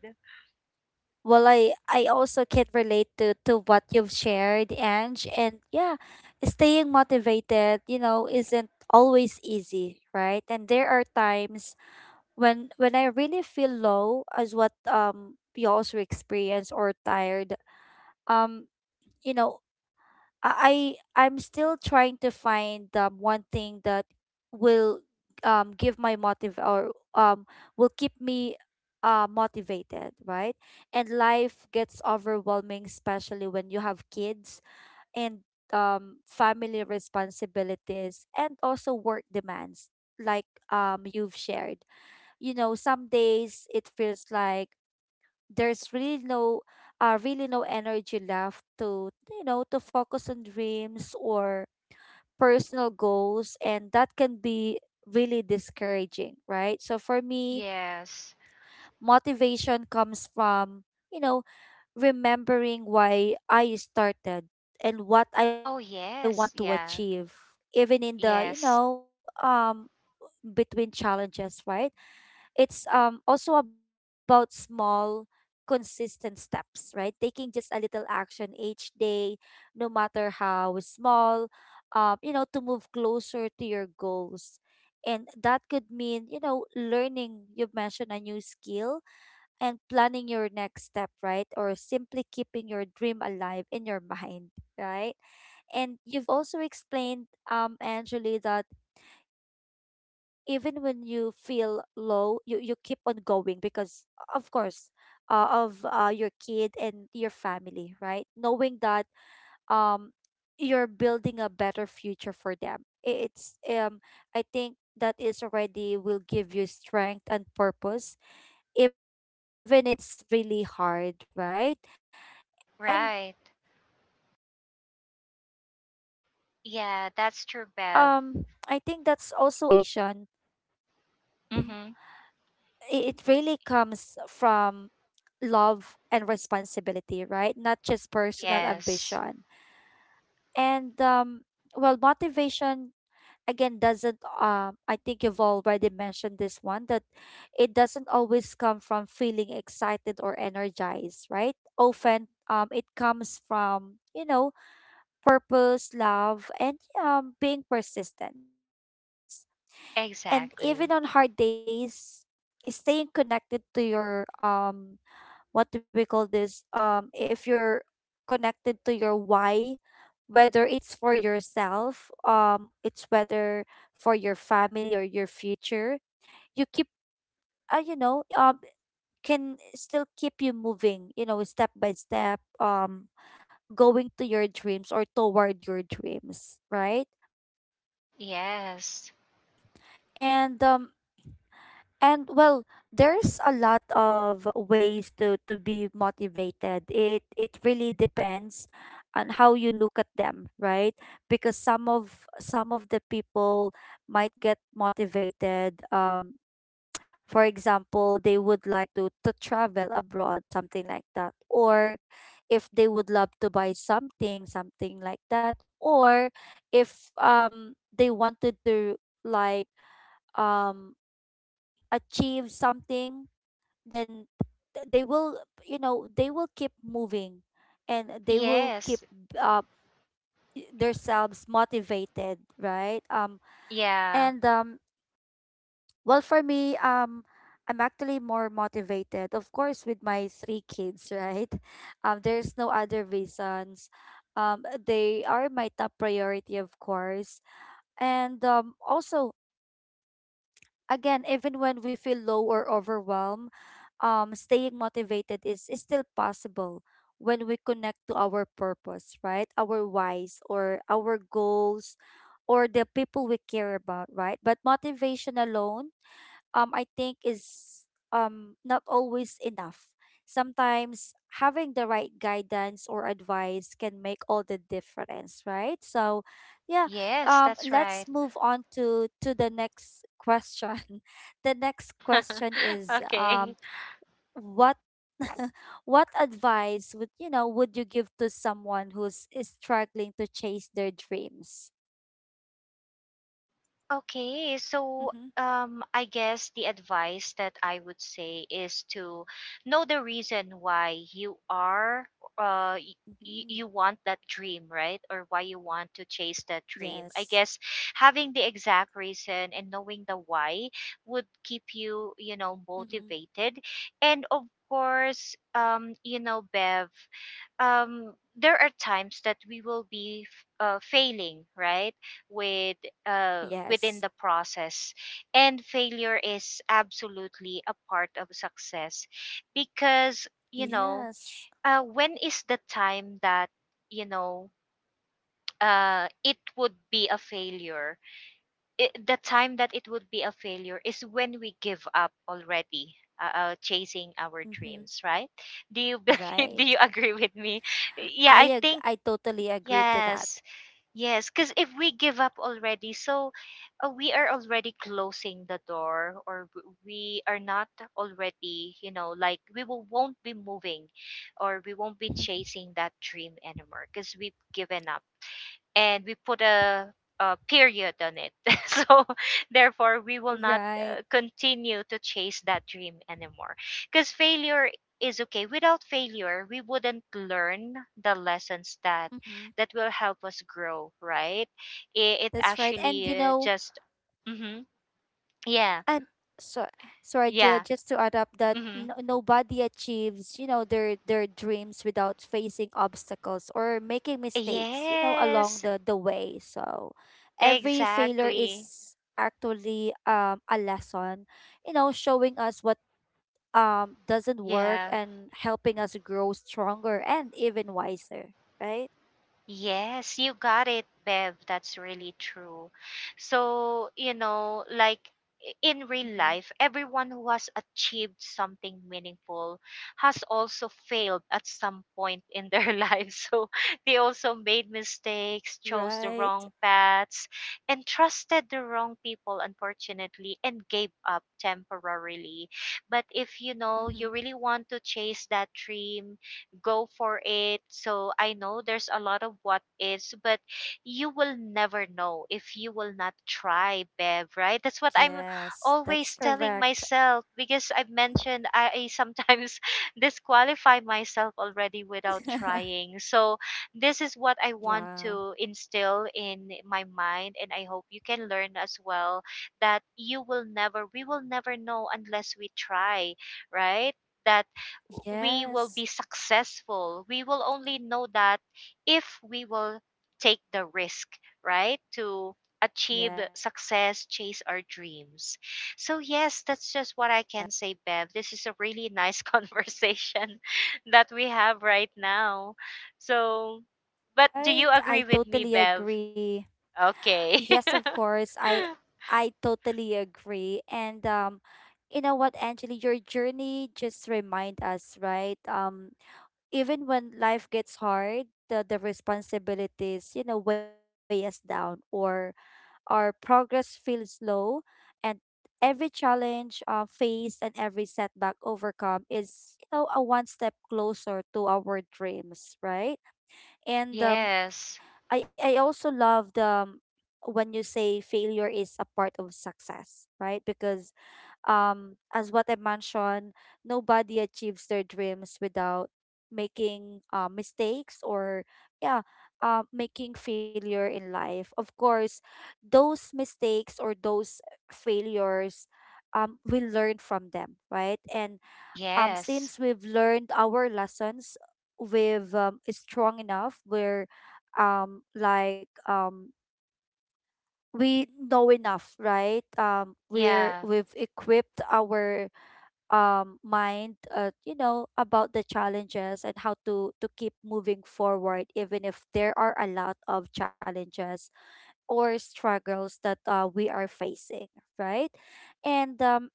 [SPEAKER 1] Well, I also can relate to what you've shared, Ange, and yeah, staying motivated, you know, isn't always easy, right? And there are times when I really feel low, as what you also experience, or tired. Um, you know, I'm still trying to find one thing that will give my motive or will keep me motivated, right? And life gets overwhelming, especially when you have kids and family responsibilities and also work demands like, you've shared. You know, some days it feels like there's really no, really no energy left to, you know, to focus on dreams or personal goals, and that can be really discouraging, right? So for me,
[SPEAKER 2] Yes.
[SPEAKER 1] motivation comes from, you know, remembering why I started and what I want
[SPEAKER 2] Oh
[SPEAKER 1] to
[SPEAKER 2] yes,
[SPEAKER 1] achieve,
[SPEAKER 2] yeah.
[SPEAKER 1] even in the, you know,
[SPEAKER 2] Yes.
[SPEAKER 1] between challenges, right? It's also about small consistent steps, right? Taking just a little action each day, no matter how small, you know, to move closer to your goals. And that could mean, you know, learning, you've mentioned, a new skill, and planning your next step, right? Or simply keeping your dream alive in your mind, right? And you've also explained, Angeli, that even when you feel low, you keep on going because, of course, of your kid and your family, right? Knowing that um you're building a better future for them. It's I think that is already will give you strength and purpose, even it's really hard, right? And
[SPEAKER 2] Right.
[SPEAKER 1] I think that's also a powerful reminder
[SPEAKER 2] Yeah,
[SPEAKER 1] that
[SPEAKER 2] that's true, Bev.
[SPEAKER 1] sometimes our motivation, Mhm,
[SPEAKER 2] Mm-hmm.
[SPEAKER 1] it really comes from love and responsibility, right? Not just personal
[SPEAKER 2] Yes.
[SPEAKER 1] ambition. And well, motivation again doesn't. I think you've already mentioned this one, that it doesn't always come from feeling excited or energized, right? Often, it comes from, you know, purpose, love, and being persistent. And even on hard
[SPEAKER 2] Exactly.
[SPEAKER 1] days, staying connected to your what do we call this, if you're connected to your why, whether it's for yourself, it's whether for your family or your future, you keep you know, can still keep you moving, you know, step by step, going to your dreams or toward your dreams, right?
[SPEAKER 2] Yes.
[SPEAKER 1] And And well, there's a lot of ways to be motivated. It really depends on how you look at them, right? Because some of the people might get motivated. For example, they would like to travel abroad, something like that. Or if they would love to buy something, something like that. Or if they wanted to like um achieve something then they will, they will keep moving and they will keep
[SPEAKER 2] Yes.
[SPEAKER 1] uh, themselves motivated, right? And
[SPEAKER 2] Yeah.
[SPEAKER 1] well, for me, I'm actually more motivated, of course, with my three kids, right? There's no other reasons. They are my top priority, of course. And also, again, even when we feel low or overwhelmed, staying motivated is still possible when we connect to our purpose, right? Our whys or our goals or the people we care about, right? But motivation alone, I think, is not always enough. Sometimes having the right guidance or advice can make all the difference, right? So, yeah,
[SPEAKER 2] Yes, that's
[SPEAKER 1] let's
[SPEAKER 2] right.
[SPEAKER 1] move on to the next question. The next question is
[SPEAKER 2] Okay.
[SPEAKER 1] what what advice would, would you give to someone who's is struggling to chase their dreams?
[SPEAKER 2] Okay, so
[SPEAKER 1] Mm-hmm.
[SPEAKER 2] I guess the advice that I would say is to know the reason why you are,
[SPEAKER 1] Mm-hmm.
[SPEAKER 2] you want that dream, right? Or why you want to chase that dream. I
[SPEAKER 1] Yes.
[SPEAKER 2] guess having the exact reason and knowing the why would keep you,
[SPEAKER 1] Mm-hmm.
[SPEAKER 2] motivated. And of course, you know, Bev, there are times that we will be failing, right, with within
[SPEAKER 1] Yes.
[SPEAKER 2] the process. And failure is absolutely a part of success because
[SPEAKER 1] Yes.
[SPEAKER 2] when is the time that you know it would be a failure? The time that it would be a failure is when we give up already chasing our
[SPEAKER 1] Mm-hmm.
[SPEAKER 2] dreams, right? Do you do you
[SPEAKER 1] Right.
[SPEAKER 2] agree with me? Yeah, I think.
[SPEAKER 1] I totally agree to
[SPEAKER 2] Yes,
[SPEAKER 1] that.
[SPEAKER 2] yes. Because if we give up already, so we are already closing the door, or we are not already, you know, like we won't be moving, or we won't be
[SPEAKER 1] Mm-hmm.
[SPEAKER 2] chasing that dream anymore because we've given up and we put a period on it. So therefore, we will not
[SPEAKER 1] Right.
[SPEAKER 2] continue to chase that dream anymore. Because failure is okay. Without failure, we wouldn't learn the lessons that
[SPEAKER 1] Mm-hmm.
[SPEAKER 2] that will help us grow. Right? It
[SPEAKER 1] That's right. And
[SPEAKER 2] actually just hmm. Yeah.
[SPEAKER 1] and so sorry, Jill,
[SPEAKER 2] Yeah.
[SPEAKER 1] just to add up that
[SPEAKER 2] Hmm.
[SPEAKER 1] no, nobody achieves, their dreams without facing obstacles or making mistakes, along
[SPEAKER 2] Yes.
[SPEAKER 1] the way. So every failure
[SPEAKER 2] Exactly.
[SPEAKER 1] is actually a lesson, you know, showing us what doesn't work
[SPEAKER 2] Yeah.
[SPEAKER 1] and helping us grow stronger and even wiser, right?
[SPEAKER 2] Yes, you got it, Bev. That's really true. So, you know, like, in real
[SPEAKER 1] Mm-hmm.
[SPEAKER 2] life, everyone who has achieved something meaningful has also failed at some point in their life. So they also made mistakes, chose the
[SPEAKER 1] Right.
[SPEAKER 2] wrong paths, and trusted the wrong people, unfortunately, and gave up temporarily. But if you know
[SPEAKER 1] Mm-hmm.
[SPEAKER 2] you really want to chase that dream, go for it. So I know there's a lot of what is, but you will never know if you will not try, Bev, right? That's what I'm
[SPEAKER 1] Yes, that's
[SPEAKER 2] always telling
[SPEAKER 1] correct.
[SPEAKER 2] myself because I've mentioned I sometimes disqualify myself already without trying. So this is what I
[SPEAKER 1] Yeah.
[SPEAKER 2] want to instill in my mind, and I hope you can learn as well that you will never, we will never know unless we try, right? That we will
[SPEAKER 1] Yes.
[SPEAKER 2] be successful. We will only know that if we will take the risk, right? To achieve
[SPEAKER 1] Yes.
[SPEAKER 2] success, chase our dreams. So, yes, that's just what I can say, Bev. This is a really nice conversation that we have right now. So, but do you
[SPEAKER 1] Right.
[SPEAKER 2] agree
[SPEAKER 1] I
[SPEAKER 2] with me,
[SPEAKER 1] totally
[SPEAKER 2] Bev?
[SPEAKER 1] agree.
[SPEAKER 2] Okay.
[SPEAKER 1] Yes, of course. I I totally agree. And you know what, Angeli, your journey just remind us, right? Even when life gets hard, the responsibilities, you know, weigh us down or our progress feels slow, and every challenge faced and every setback overcome is, you know, a one step closer to our dreams, right? And
[SPEAKER 2] Yes.
[SPEAKER 1] I also love the, when you say failure is a part of success, right? Because as what I mentioned, nobody achieves their dreams without making mistakes or yeah, making failure in life. Of course, those mistakes or those failures, we learn from them, right? And
[SPEAKER 2] Yes.
[SPEAKER 1] since we've learned our lessons, we've is strong enough. Um, like um, we know enough, right?
[SPEAKER 2] Yeah.
[SPEAKER 1] We've equipped our mind, you know, about the challenges and how to keep moving forward even if there are a lot of challenges or struggles that we are facing, right? And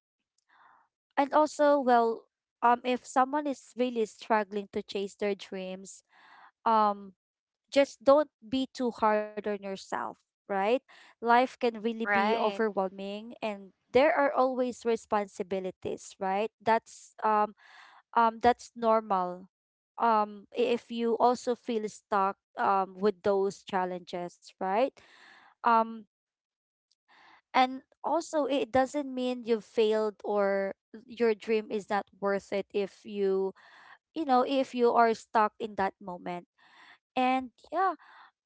[SPEAKER 1] and also, well, if someone is really struggling to chase their dreams, um just don't be too hard on yourself, right? Life can really be
[SPEAKER 2] Right.
[SPEAKER 1] overwhelming, and there are always responsibilities, right? That's normal. If you also feel stuck with those challenges, right? um and also, it doesn't mean you've failed or your dream is not worth it if you, you know, if you are stuck in that moment. And yeah,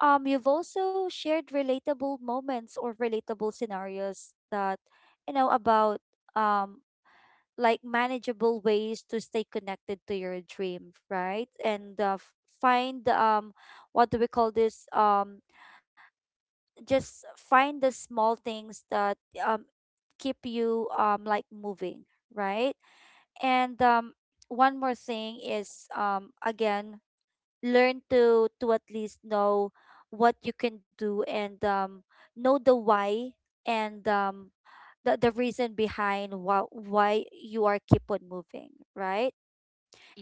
[SPEAKER 1] you've also shared relatable moments or relatable scenarios that you know about, um like manageable ways to stay connected to your dream, right? And find what do we call this, just find the small things that um keep you like moving, right? And one more thing is, again, learn to at least know what you can do, and know the why, and the reason behind why you are keep on moving, right?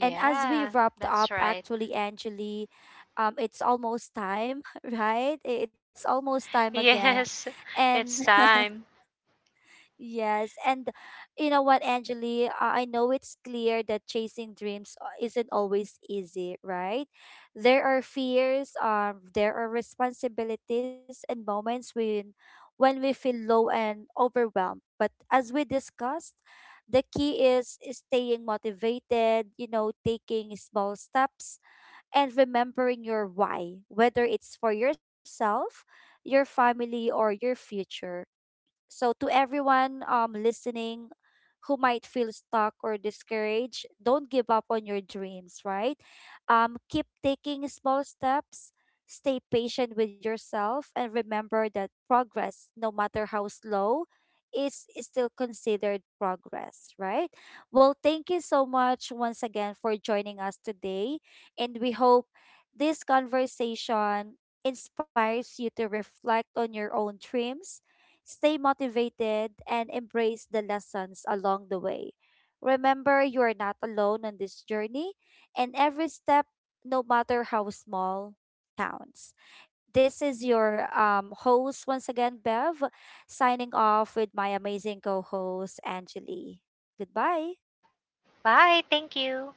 [SPEAKER 1] And as we wrapped
[SPEAKER 2] That's
[SPEAKER 1] up,
[SPEAKER 2] right.
[SPEAKER 1] actually, Angeli, it's almost time, right? It's almost time again.
[SPEAKER 2] Yes,
[SPEAKER 1] And
[SPEAKER 2] it's time.
[SPEAKER 1] yes, and you know what, Angeli? I know it's clear that chasing dreams isn't always easy, right? There are fears, there are responsibilities and moments when we feel low and overwhelmed. But as we discussed, the key is staying motivated, you know, taking small steps and remembering your why, whether it's for yourself, your family, or your future. So to everyone listening, who might feel stuck or discouraged, don't give up on your dreams, right? Keep taking small steps, stay patient with yourself, and remember that progress, no matter how slow, is still considered progress, right? Well, thank you so much once again for joining us today, and we hope this conversation inspires you to reflect on your own dreams. Stay motivated and embrace the lessons along the way. Remember, you are not alone on this journey, and every step, no matter how small, counts. This is your, host once again, Bev, signing off with my amazing co host, Angeli. Goodbye.
[SPEAKER 2] Bye. Thank you.